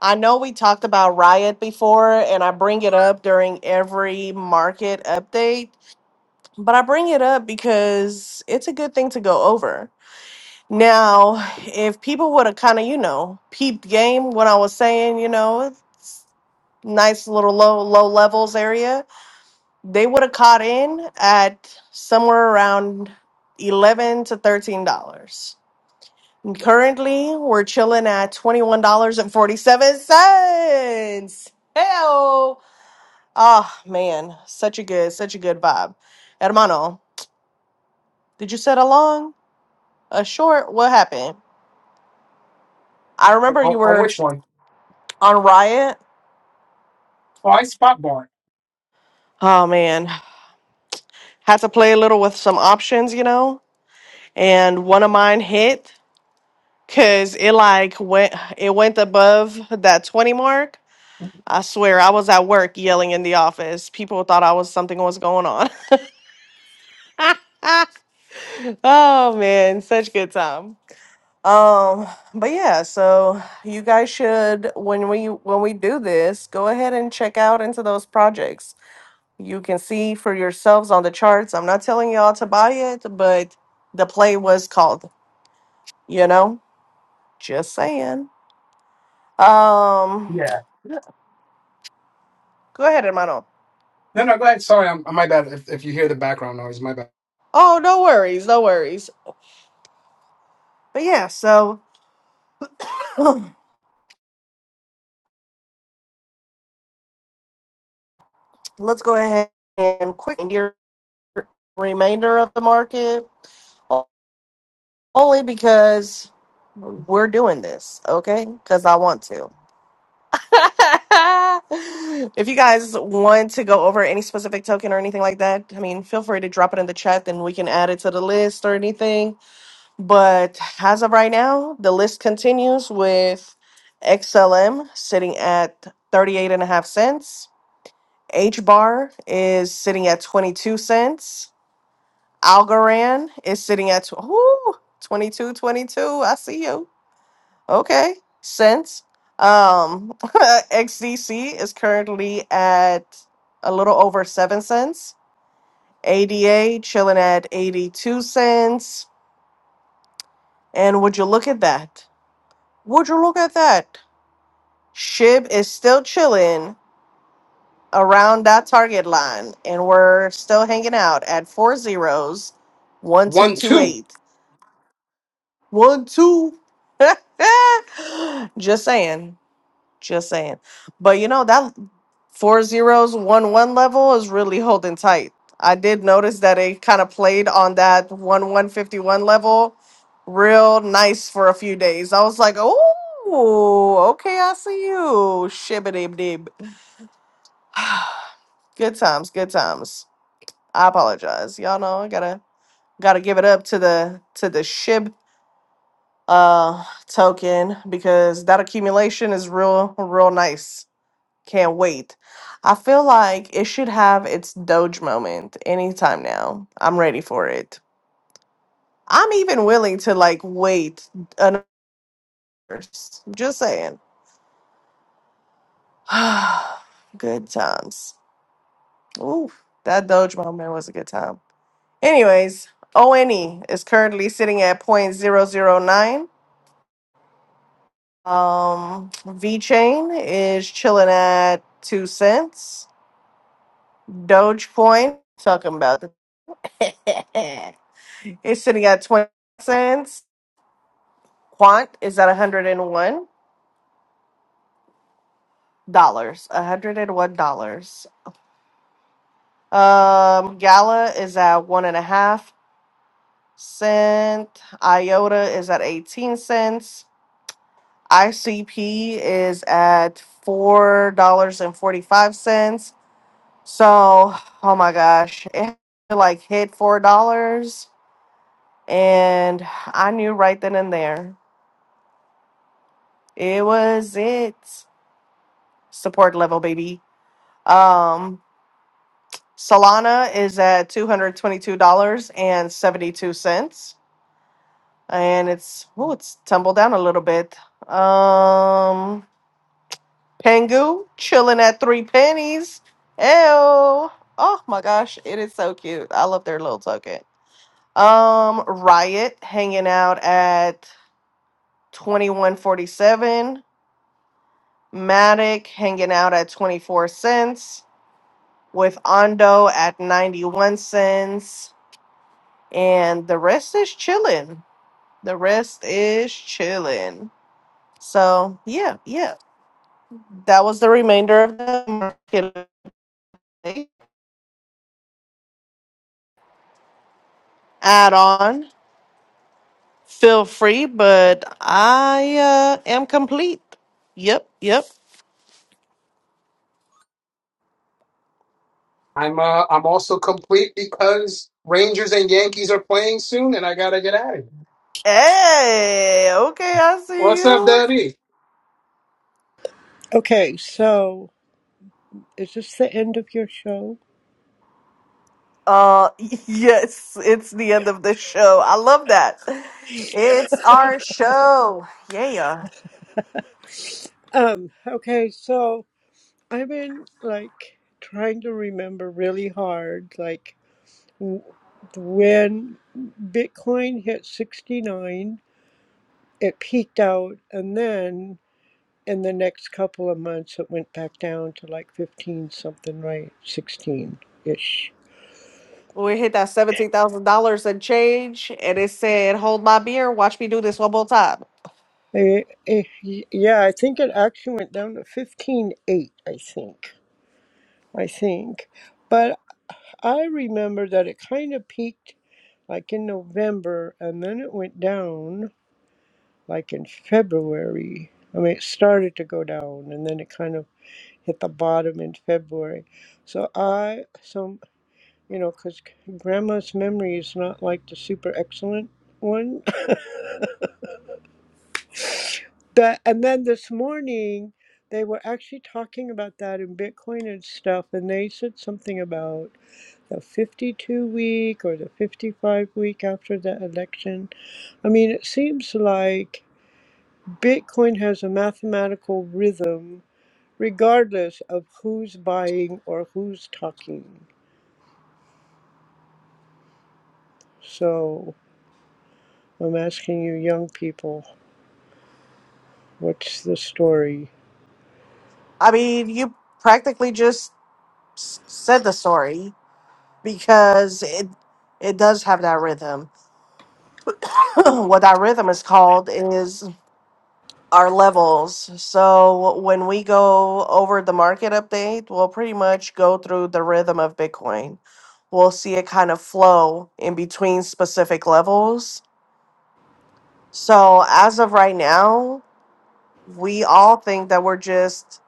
B: I know we talked about Riot before, and I bring it up during every market update, but I bring it up because it's a good thing to go over. Now, if people would have kind of, you know, peeped game when I was saying, you know, it's nice little low low levels area they would have caught in at somewhere around eleven to thirteen dollars. Currently, we're chilling at twenty one dollars and forty seven cents. Hell, ah man, such a good, such a good vibe. Hermano, did you set a long, a short? What happened? I remember you
A: On, on
B: were
A: which one?
B: on Riot.
A: Oh, I spot bought.
B: Oh man, had to play a little with some options, you know. And one of mine hit. Cause it like went it went above that 20 mark. I swear I was at work yelling in the office. People thought I was something was going on. oh man, such good time. Um, but yeah, so you guys should when we when we do this, go ahead and check out into those projects. You can see for yourselves on the charts. I'm not telling y'all to buy it, but the play was called, you know? Just saying. Um,
A: Yeah.
B: go ahead, hermano.
A: No, no, go ahead. Sorry, I'm, my bad. If, if you hear the background noise, my bad.
B: Oh, no worries, no worries. But yeah, so let's go ahead and quicken your remainder of the market o- only because we're doing this, okay? Because I want to. if you guys want to go over any specific token or anything like that, I mean, feel free to drop it in the chat, then we can add it to the list or anything. But as of right now, the list continues with XLM sitting at 38 and a half cents. H bar is sitting at 22 cents. Algorand is sitting at tw- ooh, 22, 22. I see you. Okay. Cents. Um, XDC is currently at a little over 7 cents. ADA chilling at 82 cents. And would you look at that? Would you look at that? SHIB is still chilling around that target line, and we're still hanging out at four zeros, one two
A: One,
B: two
A: two.
B: eight, one two. just saying, just saying. But you know that four zeros one one level is really holding tight. I did notice that it kind of played on that one one fifty one level, real nice for a few days. I was like, oh, okay, I see you, shibbity dib. Good times, good times. I apologize. Y'all know I gotta gotta give it up to the to the SHIB uh token because that accumulation is real real nice. Can't wait. I feel like it should have its Doge moment anytime now. I'm ready for it. I'm even willing to like wait another. Just saying. good times. Ooh, that Doge moment was a good time. Anyways, ONE is currently sitting at zero point zero zero 0.009. Um, V Chain is chilling at two cents. Dogecoin, talking about the it's sitting at 20 cents. Quant is at $101. $101. Um, Gala is at one and a half cent. IOTA is at 18 cents. ICP is at $4.45. So, oh my gosh, it like hit four dollars, and I knew right then and there it was it support level, baby. Um, Solana is at two hundred twenty-two dollars and seventy-two cents, and it's oh, it's tumbled down a little bit. Um, Pengu chilling at three pennies. Ew. Oh my gosh, it is so cute. I love their little token. Um, Riot hanging out at 2147. Matic hanging out at 24 cents. With Ondo at 91 cents. And the rest is chilling. The rest is chilling. So, yeah, yeah. That was the remainder of the market. Add on. Feel free, but I uh, am complete. Yep, yep.
A: I'm uh, I'm also complete because Rangers and Yankees are playing soon, and I gotta get out of here.
B: Hey, okay, I see
A: What's up,
B: you.
A: Daddy?
F: Okay, so is this the end of your show?
B: Uh, yes, it's the end of the show. I love that. It's our show. Yeah.
F: Um, okay, so I've been like trying to remember really hard, like w- when Bitcoin hit 69, it peaked out, and then in the next couple of months, it went back down to like 15 something, right? 16 ish.
B: We hit that $17,000 and change, and it said, Hold my beer, watch me do this one more time.
F: Eh, eh, y- yeah, I think it actually went down to 15.8, I think. I think. I remember that it kind of peaked like in November and then it went down like in February. I mean, it started to go down and then it kind of hit the bottom in February. So I, some, you know, because grandma's memory is not like the super excellent one. that, and then this morning, they were actually talking about that in Bitcoin and stuff, and they said something about the 52 week or the 55 week after the election. I mean, it seems like Bitcoin has a mathematical rhythm regardless of who's buying or who's talking. So I'm asking you, young people, what's the story?
B: I mean, you practically just s- said the story because it it does have that rhythm. what that rhythm is called is our levels. So when we go over the market update, we'll pretty much go through the rhythm of Bitcoin. We'll see it kind of flow in between specific levels. So as of right now, we all think that we're just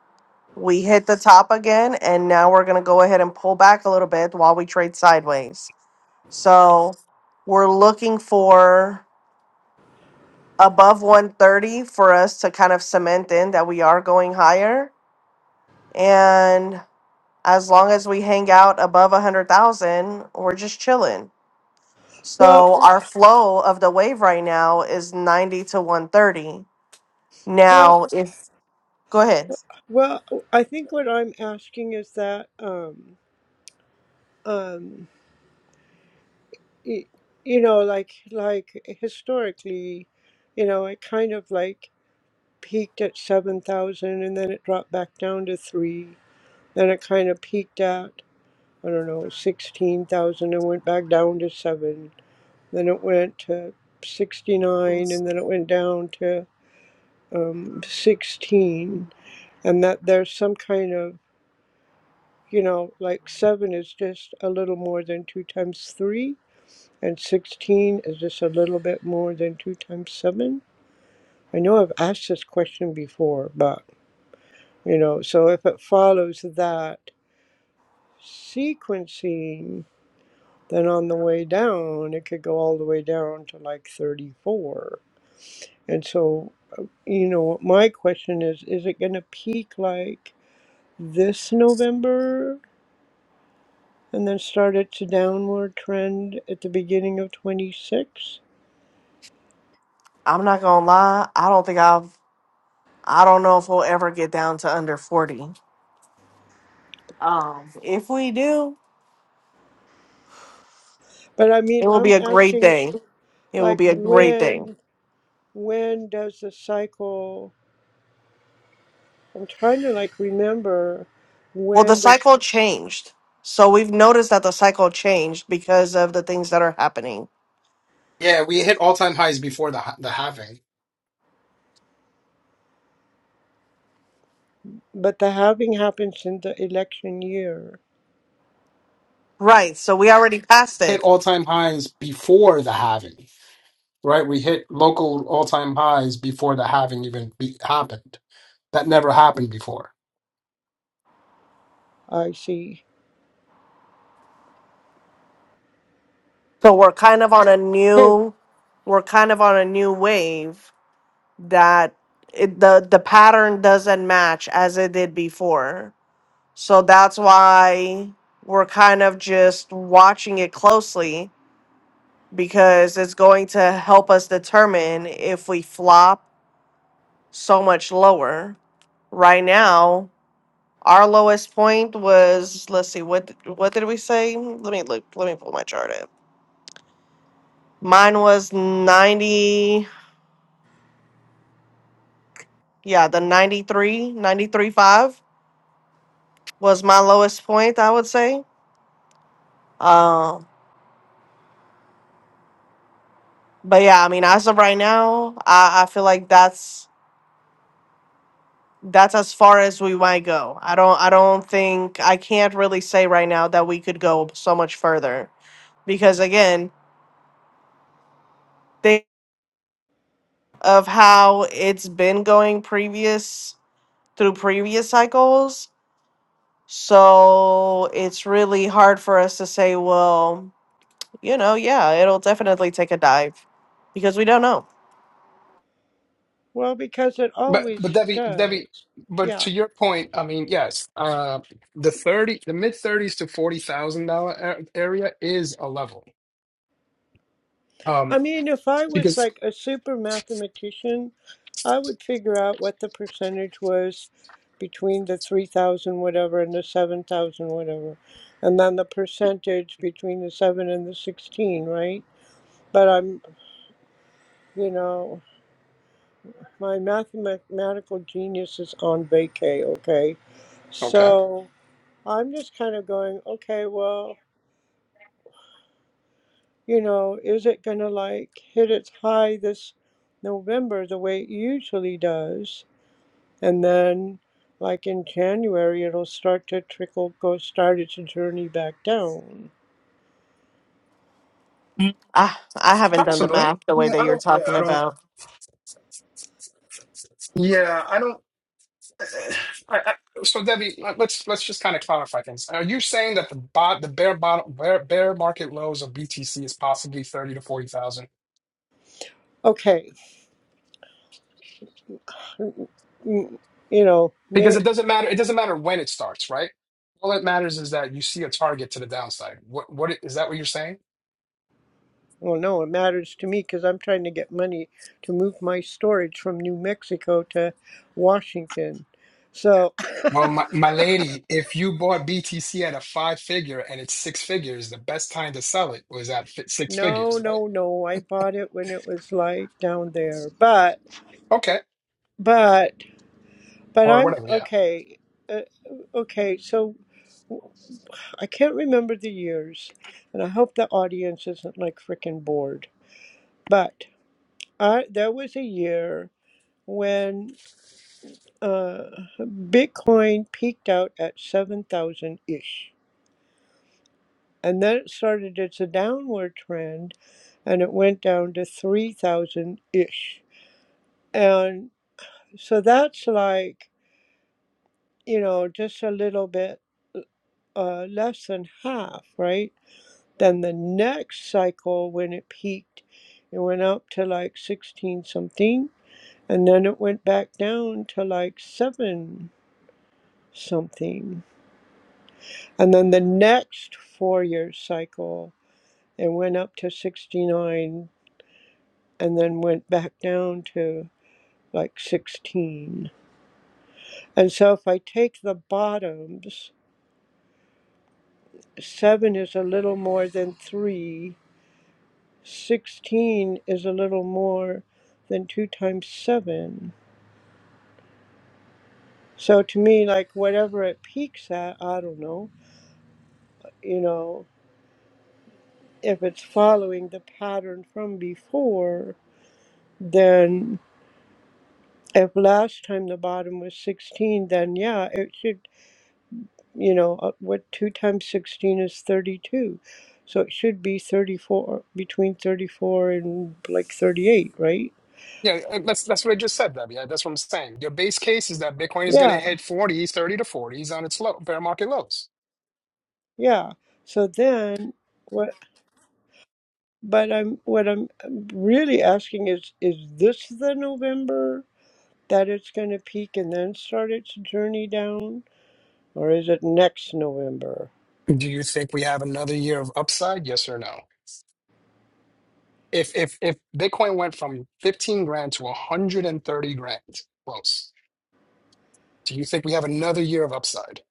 B: we hit the top again and now we're going to go ahead and pull back a little bit while we trade sideways. So we're looking for above 130 for us to kind of cement in that we are going higher and as long as we hang out above a hundred thousand, we're just chilling.
F: Well,
B: So our flow of the wave right now is ninety to one thirty.
F: well,
B: Now, if go ahead,
F: well, I think what I'm asking is that, um, um, y- you know, like, like historically, you know, it kind of like peaked at 7,000 and then it dropped back down to 3. Then it kind of peaked at, I don't know, 16,000 and went back down to 7. Then it went to 69 and then it went down to um, 16. And that there's some kind of, you know, like 7 is just a little more than 2 times 3. And 16 is just a little bit more than 2 times 7. I know I've asked this question before, but You know, so if it follows that sequencing, then on the way down, it could go all the way down to like 34. And so, you know, my question is is it going to peak like this November and then start its downward trend at the beginning of 26?
B: I'm not gonna lie. I don't think I've. I don't know if we'll ever get down to under forty. Um, if we do,
F: But I mean,
B: it will
F: I'm
B: be a great
F: asking
B: day. It will
F: like
B: be a great day.
F: when when does the cycle I'm trying to like remember
B: Well, the
F: when does
B: cycle changed. So we've noticed that the cycle changed because of the things that are happening.
A: Yeah, we hit all time highs before the ha- the halving.
F: But the halving happens in the election year,
B: Right. So we already passed
A: Hit
B: it.
A: all time highs before the halving, right? We hit local all time highs before the halving even be- happened. That never happened before.
F: I see.
B: So we're kind of on a
F: Okay.
B: new we're kind of on a new wave that it, the the pattern doesn't match as it did before. So that's why we're kind of just watching it closely because it's going to help us determine if we flop so much lower. Right now, our lowest point was let's see what what did we say? Let me look. Let me pull my chart Mine was 90, yeah, the 93, 93.5 was my lowest point, I would say. Um, but yeah, I mean, as of right now, I, I feel like that's that's as far as we might go. I don't I don't think I can't really say right now that we could go so much further because again, think of how it's been going previous through previous cycles. So it's really hard for us to say, well, you know, yeah, it'll definitely take a dive because we don't know.
F: well, because it
A: But
F: always
A: but Debbie
F: does.
A: Debbie, but
F: Yeah.
A: to your point, I mean, yes, uh, the thirty, the mid thirties to forty thousand dollar area is a level.
F: I
A: Um,
F: mean, if I was
A: because
F: like a super mathematician, I would figure out what the percentage was between the 3,000 whatever and the 7,000 whatever, and then the percentage between the 7 and the 16, right? But I'm, you know, my mathematical genius is on vacay, okay?
A: okay,
F: So. I'm just kind of going, okay, well, you know, is it going to like hit its high this November the way it usually does? And then, like in January, it'll start to trickle, go start its journey back down.
B: Ah, I haven't done the
A: possibly. I
B: math the way
A: mean,
B: that
A: I
B: you're
A: don't. Yeah,
B: talking
A: I don't.
B: about.
A: Yeah, I don't. I, I, so Debbie, let- let's let's just kind of clarify things. Are you saying that the bot, the bare bottom, bare, bare market lows of BTC is possibly thirty to forty thousand?
F: Okay, mm, you know,
A: because
F: may,
A: it doesn't matter. It doesn't matter when it starts, right? All that matters is that you see a target to the downside. What what is that? What you're saying?
F: well, no, it matters to me because I'm trying to get money to move my storage from New Mexico to Washington. So,
A: Well, my, my lady, if you bought BTC at a five figure and it's six figures, the best time to sell it was at fi- six
F: no,
A: figures, right?
F: no, no, I bought it when it was like down there, but.
A: Okay,
F: but but
A: or
F: I'm
A: whatever. Yeah,
F: okay. Uh, okay, so I can't remember the years, and I hope the audience isn't like freaking bored. But I there was a year when uh, Bitcoin peaked out at seven thousand ish, and then it started its a downward trend, and it went down to three thousand ish, and so that's like you know just a little bit. uh, less than half, right? Then the next cycle, when it peaked, it went up to like 16 something, and then it went back down to like 7 something. And then the next four year cycle, it went up to 69 and then went back down to like 16. And so if I take the bottoms, 7 is a little more than 3 16 is a little more than 2 times 7. So to me, like whatever it peaks at, I don't know, you know, if it's following the pattern from before, then if last time the bottom was 16, then yeah, it should, you know, uh, what 2 times 16 is 32. So it should be 34, between 34 and like 38, right?
A: yeah. uh, That's that's what I just said, Debbie. Yeah, That's what I'm saying. Your base case is that Bitcoin is going to
F: Yeah,
A: hit forty, thirty to 40s on its low, fair market lows.
F: yeah. So then, what? But I'm what I'm really asking is is this the November that it's going to peak and then start its journey down, or is it next November?
A: Do you think we have another year of upside? Yes or no? if if if Bitcoin went from 15 grand to 130 grand, close. Do you think we have another year of upside?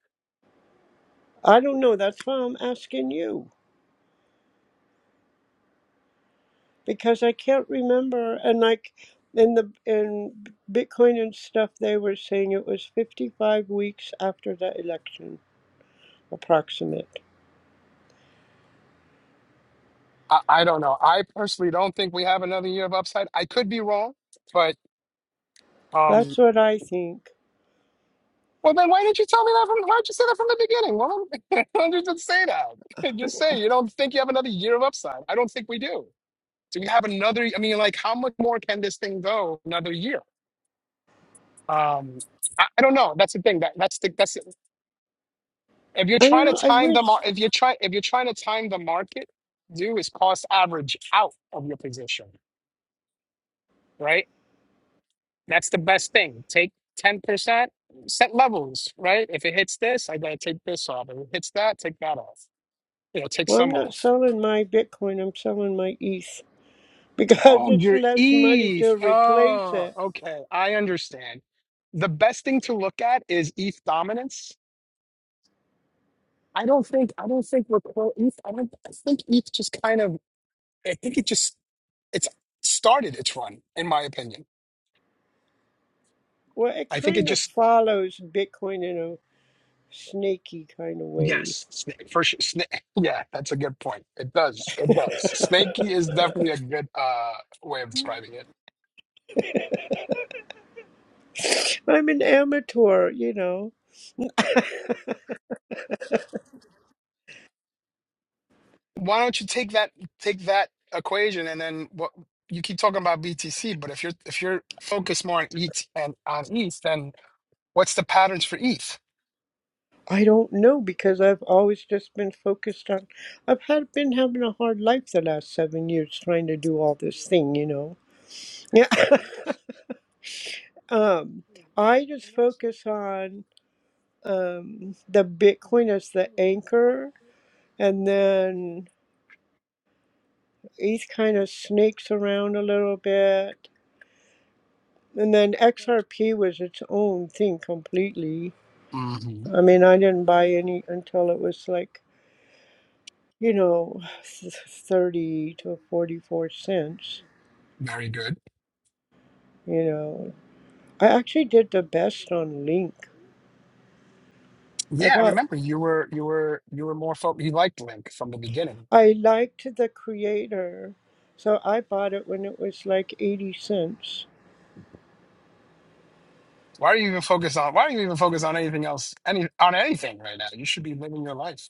F: I don't know. That's why I'm asking you because I can't remember. And like in the in Bitcoin and stuff, they were saying it was 55 weeks after the election, approximate.
A: I, I don't know. I personally don't think we have another year of upside. I could be wrong, but um
F: That's what I think.
A: well then why didn't you tell me that from why did you say that from the beginning? Well why did you just say that? Just
F: I
A: say you don't think you have another year of upside. I don't think we do.
F: don't know. I wish.
A: You know, take
F: Well, I'm
A: some
F: not
A: off.
F: selling my Bitcoin. I'm selling my ETH. because
A: Oh,
F: it's
A: your
F: less money
A: ETH.
F: to replace
A: Oh,
F: it.
A: okay. I understand. The best thing to look at is ETH dominance I don't think I don't think we're pro ETH. I don't I think ETH just kind of I think it just it's started its run, in my opinion.
F: Well, it
A: I think it
F: kind of
A: just
F: follows Bitcoin in a snaky kind of way.
A: yes, snake for sure. Snake, yeah, that's a good point. It does. It does. Snaky is definitely a good uh way of describing it.
F: I'm an amateur, you know.
A: Why don't you take that take that equation and then what you keep talking about BTC, but if you're if you're focused more on ETH and on ETH, then what's the patterns for ETH?
F: I don't know because I've always just been focused on. I've had been having a hard life the last seven years trying to do all this thing, you know. Yeah. um, I just focus on um, the Bitcoin as the anchor, and then ETH kind of snakes around a little bit And then XRP was its own thing completely.
A: hmm
F: I mean, I didn't buy any until it was like, you know, 30 to 44 cents,
A: Very good.
F: you know. I actually did the best on Link. I
A: Yeah, I
F: bought,
A: remember you were you were you were more focused. You liked Link from the beginning.
F: I liked the creator, so I bought it when it was like 80 cents.
A: Why are you even focused on? Why are you even focused on anything else? Any on anything right now? You should be living your life.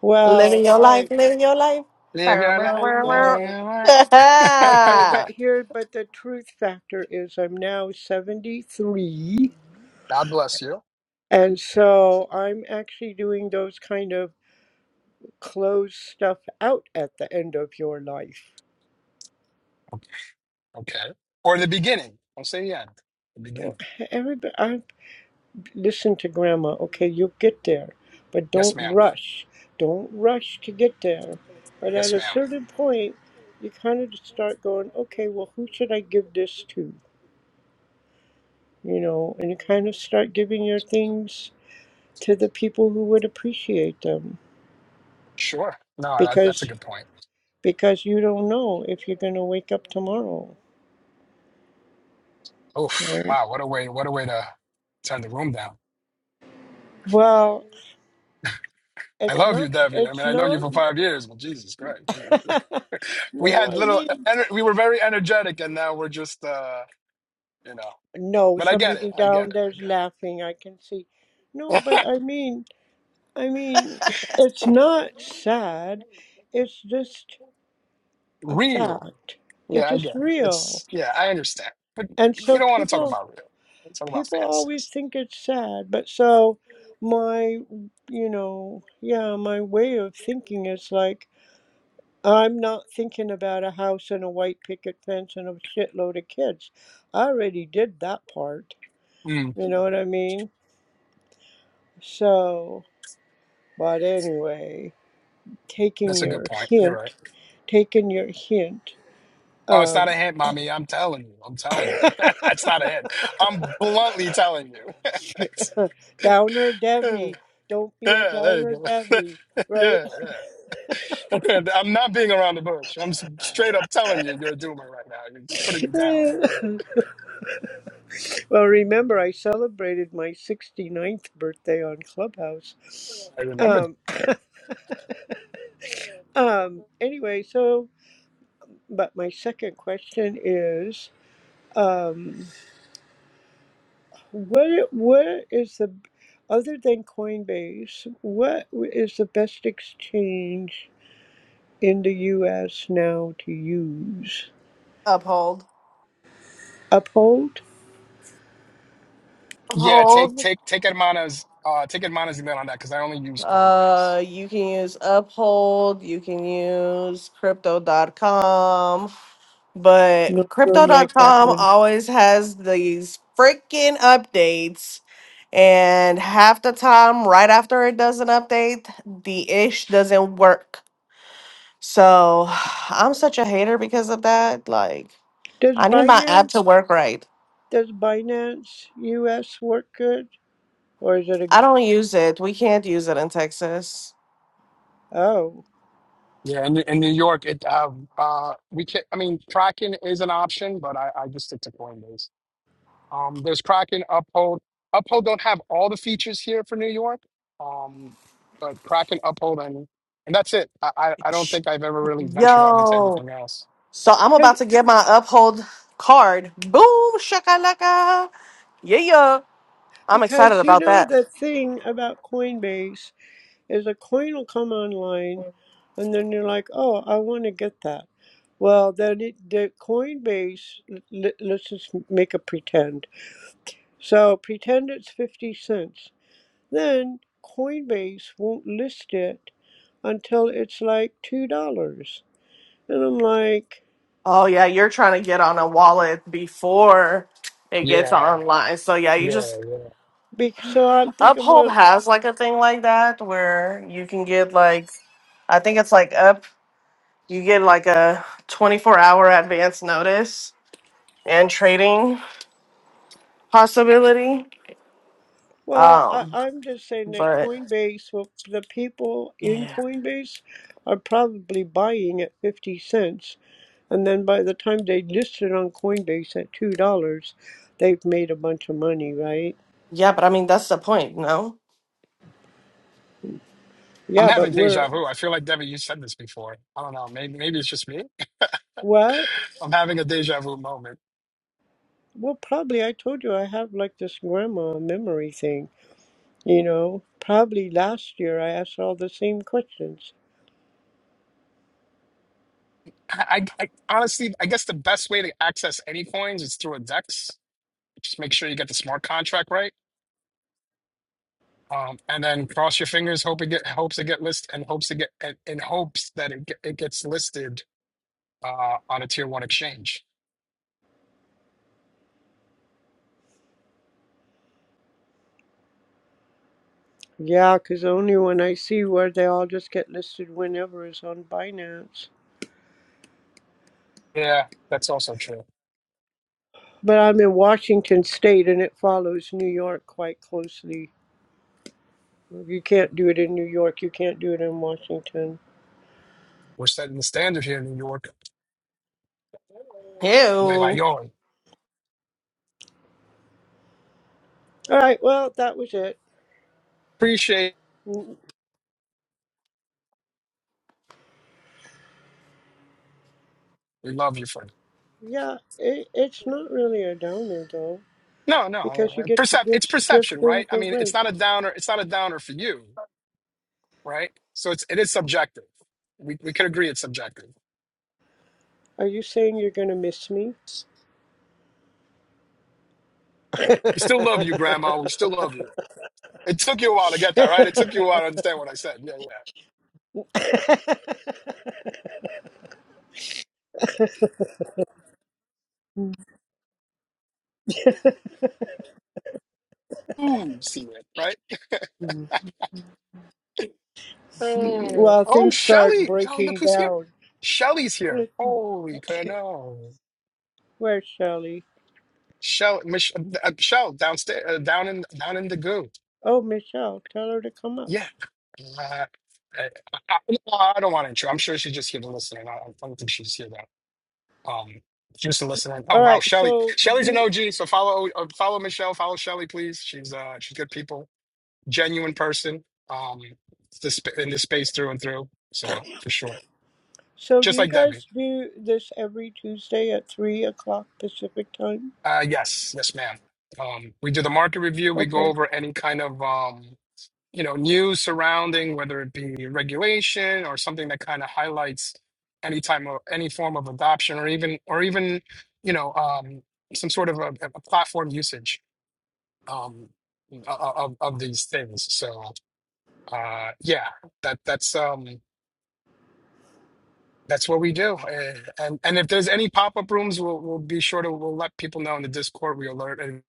F: Well,
B: Living your
F: I,
B: life, living your life.
A: Live
B: Bow,
A: your
B: bow,
A: life.
F: I
B: bow,
F: know.
A: Live
F: Okay,
A: it.
F: but
B: bow.
F: here, but the truth factor is I'm now 73
A: God bless you.
F: And so I'm actually doing those kind of close stuff out at the end of your life.
A: Okay. ok. Or the beginning. I'll say the end. The
F: Well,
A: beginning.
F: Everybody, I listen to grandma. Okay, you'll get there, but
A: Yes,
F: don't
A: ma'am.
F: rush. Don't rush to get there. But at
A: Yes,
F: a
A: ma'am.
F: certain point, you kind of start going, okay, well, who should I give this to? You know, and you kind of start giving your things to the people who would appreciate them
A: Sure. No, that, that's a
F: because
A: good point.
F: because you don't know if you're going to wake up tomorrow.
A: Oof.
F: Right?
A: Wow. What a way. What a way to turn the room down.
F: Well,
A: I
F: it's
A: love you,
F: not,
A: Debbie. I mean,
F: it's
A: I know you
F: not.
A: for five years, but Jesus Christ. we
F: no,
A: had
F: I
A: little e,
F: mean,
A: ener- we were very energetic and now we're just uh you know
F: no,
A: but i get it
F: somebody
A: i get
F: down
A: it
F: there's
A: i
F: laughing, I can see. No,
A: get
F: but
A: it
F: I mean, I mean, it's not sad. It's just a
A: real
F: fact. It's
A: yeah i
F: just
A: get it
F: real.
A: it's yeah i understand but
F: And
A: we
F: so
A: don't want to talk
F: people,
A: about real let's talk about
F: people always
A: fantasies
F: think it's sad, but so my, you know, yeah, my way of thinking is like, I'm not thinking about a house and a white picket fence and a shitload of kids. I already did that part.
A: mm,
F: You know what I mean? So, but anyway, taking
A: that's a good
F: your
A: point you're right
F: hint, taking your hint,
A: oh it's not a
F: um,
A: hint mommy i'm telling you i'm telling you that's not a hint i'm bluntly telling you
F: downer
A: yeah
F: Debbie, don't be a
A: there you
F: downer
A: go
F: Debbie, right?
A: yeah yeah i'm not being around the bush i'm s- straight up telling you you're a doomer right now you're putting me down
F: well, remember, I celebrated my 69th birthday on Clubhouse.
A: I remember
F: Um,
A: that.
F: Um, anyway, so but my second question is, um, what what is the other than Coinbase, what is the best exchange in the U.S. now to use?
B: uphold.
F: Uphold?
A: Yeah, take
B: Uphold.
A: take take Hermana's uh take Hermana's email on that because I only use Coinbase.
B: Uh you can use uphold, you can use crypto.com.
F: No,
B: But
F: don't like that
B: crypto.com
F: one.
B: always has these freaking updates. And half the time, right after it does an update, the ish doesn't work. So I'm such a hater because of that. Like,
F: Does
B: I need my app
F: Binance
B: to work right.
F: does Binance U.S. work good, or is it a
B: I don't use it. We can't use it in Texas.
F: oh?
A: Yeah, in in New York, it uh uh we can I mean Kraken is an option, but I, I just stick to Coinbase. Um, there's Kraken, Uphold. Uphold don't have all the features here for New York. Um, but Kraken, Uphold, and and that's it. I I, I don't think I've ever really ventured off into
B: Yo.
A: anything else.
B: So I'm
F: 'Cause-
B: about to get my uphold card. Boom, shakalaka. Yeah, yeah. I'm excited
F: Because you
B: about
F: know
B: that.
F: the thing about Coinbase is a coin will come online, and then you're like, oh, I want to get that. Well, then it, the Coinbase, let, let's just make a pretend. So pretend it's 50 cents. Then Coinbase won't list it until it's like $2. And I'm like,
B: Oh yeah, you're trying to get on a wallet before it gets online. So yeah, you just
F: be- so I'm thinking,
B: Uphold
F: well,
B: has like a thing like that where you can get like I think it's like up you get like a 24 hour advance notice and trading possibility.
F: well, I,
B: Um
F: I'm just saying that
B: but
F: Coinbase, well, the people in
B: yeah.
F: Coinbase are probably buying at 50 cents And then by the time they listed on Coinbase at two dollars, they've made a bunch of money, right?
B: Yeah, but I mean that's the point, no?
A: I'm
F: Yeah, but
A: having
F: we're
A: deja vu. I feel like Debbie, you said this before. I don't know. Maybe maybe it's just me.
F: what?
A: I'm having a deja vu moment.
F: Well, probably I told you I have like this grandma memory thing. You know, probably last year I asked all the same questions.
A: I, I honestly, I guess the best way to access any coins is through a DEX. Just make sure you get the smart contract right, um, and then cross your fingers, hope it get hopes it get list and hopes it get and, and hopes that it get, it gets listed uh, on a tier one exchange.
F: Yeah, 'cause the only one I see where they all just get listed whenever is on Binance.
A: Yeah, that's also true.
F: But I'm in Washington State, and it follows New York quite closely. You can't do it in New York. You can't do it in Washington.
A: We're setting the standard here in New York. They're like,
B: Ew.
A: yo,
F: All right, well, that was it.
A: appreciate,
F: Mm,
A: we love you for.
F: Yeah, it, it's not really a downer though,
A: No, no,
F: because you
A: uh,
F: get to
A: percep
F: give
A: it's
F: give
A: perception,
F: things
A: right? I mean, it's
F: away.
A: not a downer. It's not a downer for you, right? So it's it is subjective. We we could agree it's subjective.
F: Are you saying you're gonna miss me?
A: We still love you, Grandma. We still love you. It took you a while to get that, right? It took you a while to understand what I said. Yeah, yeah. Ooh, see it, right?
F: well,
A: Oh,
F: things start
A: Shelly. Yo, look
F: breaking
A: who's here.
F: down.
A: Shelly's here. Holy no.
F: Where's Shelley?
A: Shell, Mich- uh, uh, Shell downstairs, uh, down in down in the goo.
F: Oh, Michelle, tell her to come up.
A: Yeah. Uh, I, I, no, I don't want to intro. I'm sure she's just here to listen. and I, I don't think she's here though. Um, just to listen.
F: All
A: Oh wow,
F: right,
A: Shelly.
F: so do
A: Shelly's an
F: you,
A: OG, so follow uh, follow Michelle, follow Shelly, please. She's uh she's good people genuine person um the sp- in this space through and through so for sure
F: so do
A: just
F: you
A: like debbie
F: guys do this every Tuesday at three o'clock Pacific time?
A: uh yes yes ma'am um we do the market review we go
F: Okay.
A: over any kind of um you know news surrounding whether it be regulation or something that kind of highlights any time of any form of adoption or even or even you know um some sort of a, a platform usage um of, of of these things so uh yeah that that's um That's what we do. Uh, and and if there's any pop-up rooms, we'll we'll be sure to we'll let people know in the Discord. We alert and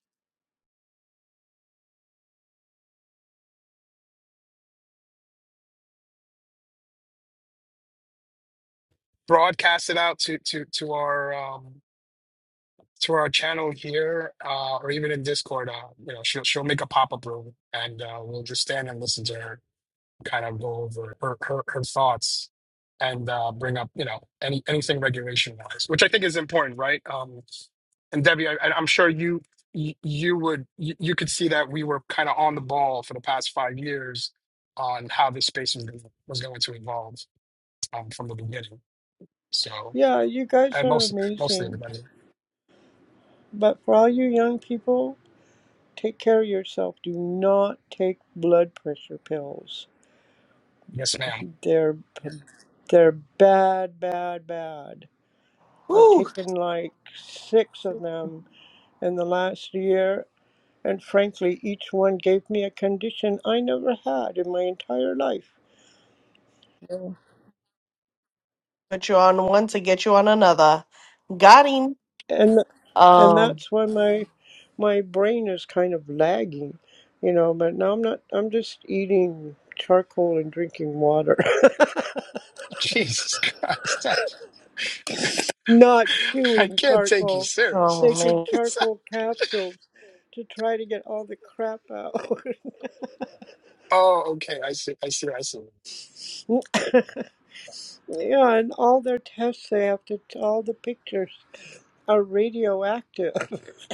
A: broadcast it out to to to our um to our channel here, uh, or even in Discord. Uh, you know, she'll she'll make a pop-up room, and uh, we'll just stand and listen to her kind of go over her her, her thoughts and uh, bring up you know any anything regulation wise, which I think is important, right? Um, and Debbie, I, I- am sure you you you would you, you could see that we were kind of on the ball for the past five years on how this space was gonna, was going to evolve um, from the beginning. So,
F: Yeah, you guys
A: and
F: are
A: most mostly
F: amazing.
A: everybody,
F: But for all you young people, take care of yourself. Do not take blood pressure pills.
A: yes, ma'am.
F: They're they're bad, bad, bad. I've
B: Woo.
F: taken like 6 of them in the last year, and frankly, each one gave me a condition I never had in my entire life.
B: Put you on one to get you on another. Got him.
F: and and
B: Um
F: that's why my my brain is kind of lagging, you know. But now I'm not. I'm just eating charcoal and drinking water,
A: Jesus Christ, Steph.
F: not
A: I
F: chewing
A: can't take you
F: charcoal,
A: serious.
B: oh
A: sometimes.
F: taking
B: man.
F: charcoal capsules to try to get all the crap out.
A: oh, okay, I see, I see, I see.
F: yeah, and all their tests they have to. All the pictures are radioactive.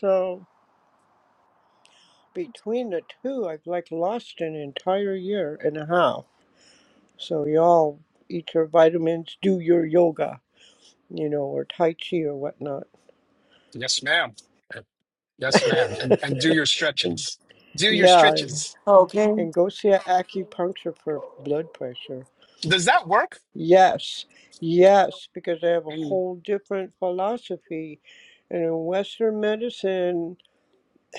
F: So between the two, I've like lost an entire year and a half. So y'all eat your vitamins, do your yoga, you know, or tai chi or whatnot.
A: Yes, ma'am. Yes, ma'am. And and do your
F: And-
A: stretches. Do your
F: yeah, and
A: stretches.
B: Okay.
F: go see an acupuncture for blood pressure.
A: Does that work?
F: Yes, yes, because they have a
A: Mm,
F: whole different philosophy. And in Western medicine,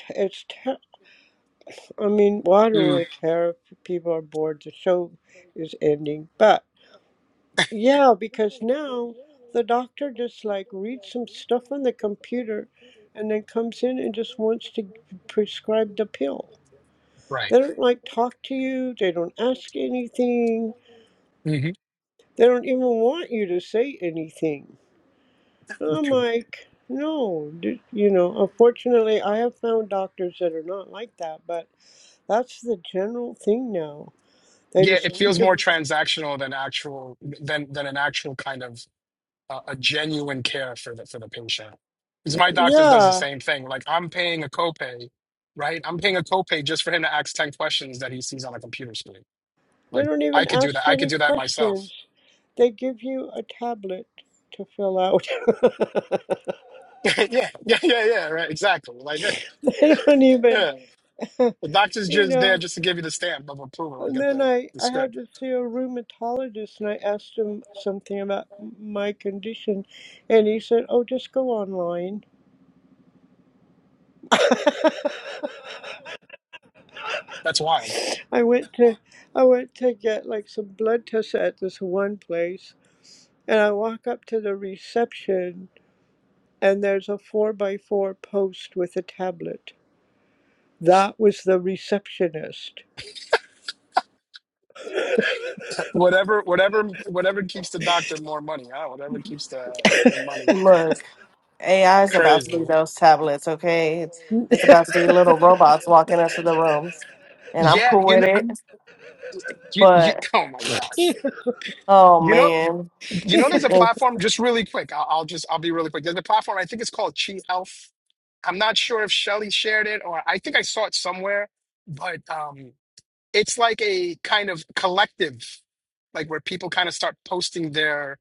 F: it's tough. I mean, well, I don't
A: mm,
F: really care if people are bored. The show is ending, but. Yeah, because now the doctor just like reads some stuff on the computer and then comes in and just wants to prescribe the pill.
A: right.
F: They don't like talk to you, they don't ask anything, they don't even want you to say anything. I'm
A: hmm
F: like, no, d- you know, unfortunately, I have found doctors that are not like that, but that's the general thing now. They
A: Yeah,
F: just
A: it
F: read
A: feels more
F: the,
A: transactional than actual than than an actual kind of uh, a genuine care for the for the patient. Because my doctor does the
F: yeah,
A: same thing. Like I'm paying a copay, right? I'm paying a copay just for him to ask ten questions that he sees on a computer screen.
F: They
A: Like
F: don't
A: I
F: even
A: could do that.
F: ask
A: I could
F: any
A: do that myself.
F: questions. They give you a tablet to fill out.
A: yeah, yeah, yeah, yeah. Right, exactly. Like
F: they don't even,
A: yeah. the doctor's
F: you
A: just there
F: know.
A: just to give you the stamp of approval and
F: And
A: get
F: then
A: the
F: I,
A: the
F: I had
A: script.
F: to see a rheumatologist and I asked him something about my condition. And he said, Oh, just go online.
A: That's wild.
F: I went to I went to get like some blood tests at this one place and I walk up to the reception and there's a four by four post with a tablet. That was the receptionist.
A: Whatever, whatever, whatever keeps the doctor more money. Huh? Whatever keeps the the money.
B: Look. AI is about to be
A: Crazy.
B: those tablets, okay? It's, it's about to be little robots walking into the rooms. And I'm
A: Yeah,
B: cool
A: you
B: with
A: know,
B: it.
A: you, you,
B: But,
A: oh my gosh.
B: oh
A: You know,
B: man.
A: you know, there's a
B: And-
A: platform, just really quick. I'll, I'll just, I'll be really quick. There's a platform, I think it's called Chi Health. I'm not sure if Shelly shared it or I think I saw it somewhere, but um, it's like a kind of collective, like where people kind of start posting their,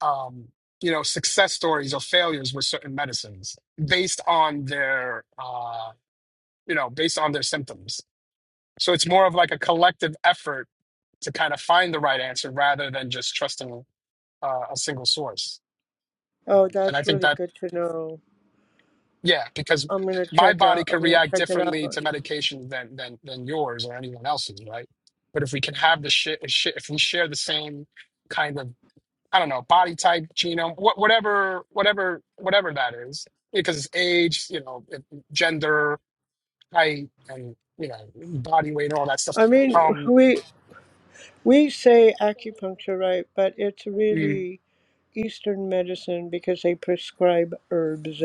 A: um, you know, success stories or failures with certain medicines based on their, uh, you know, based on their symptoms. So it's more of like a collective effort to kind of find the right answer rather than just trusting uh, a single source.
F: oh,
A: Um, and I
F: that's
A: think
F: really
A: that,
F: good to know.
A: yeah, because
F: I'm gonna
A: my
F: check
A: body
F: out. I'm
A: can
F: gonna
A: react
F: check it out.
A: differently to medication than than than yours or anyone else's, right? But if we can have the shit, if we share the same kind of, I don't know, body type, genome, wha- whatever, whatever, whatever that is, because it's age, you know, gender, height, and you know, body weight, and all that stuff.
F: I mean,
A: Um,
F: we we say acupuncture, right? But it's
A: mm,
F: really Eastern medicine because they prescribe herbs,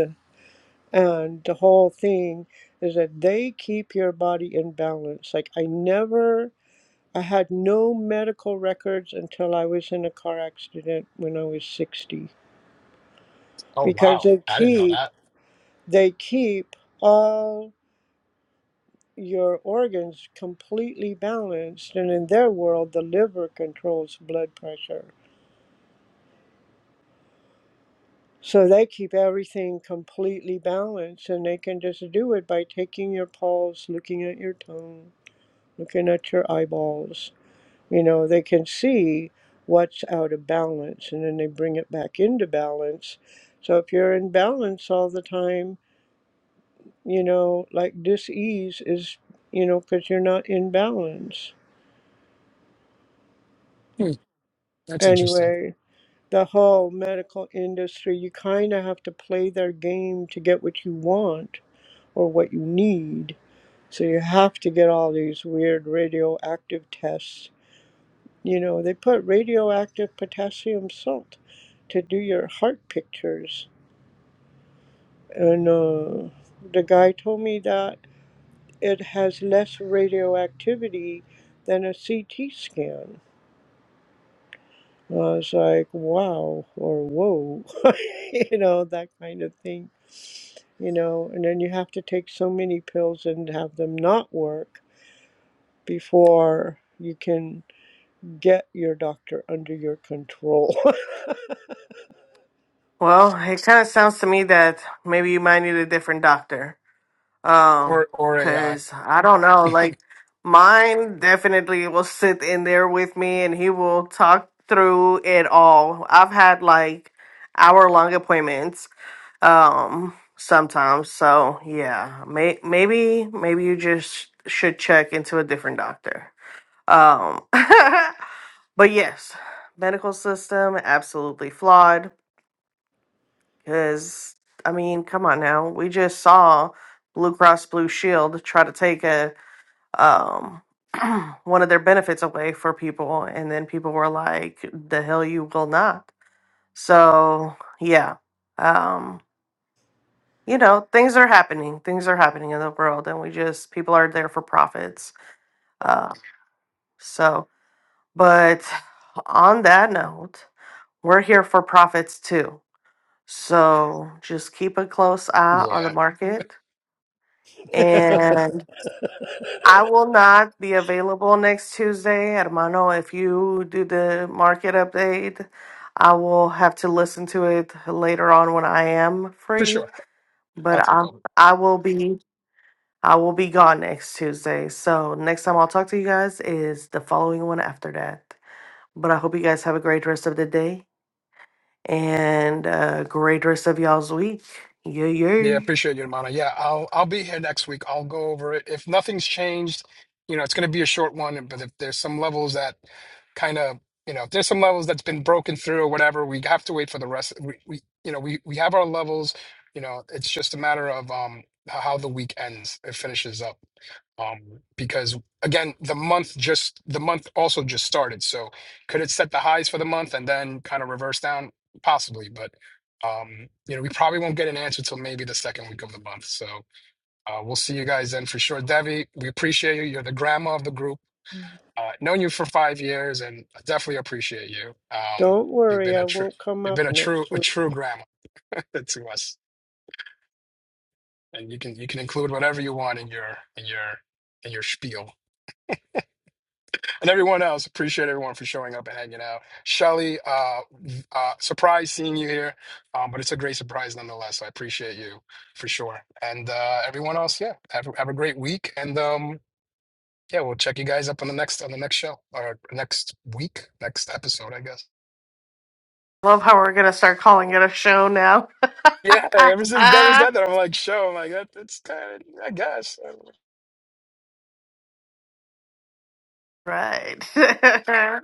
F: and the whole thing is that they keep your body in balance. Like I never, I had no medical records until I was in a car accident when I was 60
A: oh
F: because
A: wow,
F: they
A: I didn't know
F: keep
A: that.
F: they keep all your organs completely balanced and in their world the liver controls blood pressure so they keep everything completely balanced and they can just do it by taking your pulse looking at your tongue looking at your eyeballs you know they can see what's out of balance and then they bring it back into balance so if you're in balance all the time you know, like dis-ease is, you know, because you're not in balance.
A: Hmm, that's interesting.
F: Anyway, the whole medical industry, you kind of have to play their game to get what you want or what you need. So you have to get all these weird radioactive tests. You know, they put radioactive potassium salt to do your heart pictures. And uh, the guy told me that it has less radioactivity than a CT scan I was like, wow, or whoa, you know, that kind of thing, you know. And then you have to take so many pills and have them not work before you can get your doctor under your control.
B: well, it kind of sounds to me that maybe you might need a different doctor. Um,
A: or or AI.
B: cause I don't know, like mine definitely will sit in there with me and he will talk through it all. I've had like hour long appointments, um, sometimes. So yeah, may- maybe, maybe you just should check into a different doctor. Um, but yes, medical system absolutely flawed because, I mean, come on now. We just saw Blue Cross Blue Shield try to take a um, one of their benefits away for people, and then people were like, "The hell you will not." So yeah, um, you know, things are happening. Things are happening in the world, and we just people are there for profits. Uh, so, but on that note, we're here for profits too. So just keep a close eye on the
A: Yeah,
B: market And I will not be available next Tuesday. Hermano, if you do the market update, I will have to listen to it later on when I am
A: for
B: free.
A: sure. I'll
B: But
A: take
B: I
A: over.
B: I will be I will be gone next Tuesday. So next time I'll talk to you guys is the following one after that. But I hope you guys have a great rest of the day and a great rest of y'all's week. Yeah,
A: Yeah,
B: yeah.
A: appreciate you, Mana. Yeah, I'll I'll be here next week. I'll go over it. If nothing's changed, you know, it's going to be a short one, but if there's some levels that kind of, you know, if there's some levels that's been broken through or whatever, we have to wait for the rest. We, we you know, we we have our levels, you know, it's just a matter of um h- how the week ends, it finishes up. Um, because again, the month just the month also just started. So could it set the highs for the month and then kind of reverse down? Possibly, but um, you know, we probably won't get an answer till maybe the second week of the month. So uh, we'll see you guys then for sure. Devi, we appreciate you. You're the grandma of the group. Uh, known you for five years, and I definitely appreciate you. Um,
F: Don't
A: you've
F: worry,
A: been
F: I
A: a true,
F: won't come
A: you've
F: up
A: been a true,
F: next
A: a
F: week.
A: true grandma to us. And you can you can include whatever you want in your in your in your spiel. and everyone else. Appreciate everyone for showing up and hanging out. Shelly, uh, uh, surprised seeing you here, um, but it's a great surprise nonetheless. So I appreciate you for sure. And uh, everyone else, yeah, have, a- have a great week. And um, yeah, we'll check you guys up on the next on the next show or next week, next episode, I guess.
B: Love how we're gonna start calling it a show now.
A: Yeah, ever since Debbie said that, I'm like, show. I'm like, that, that's kind of, I guess.
B: Right.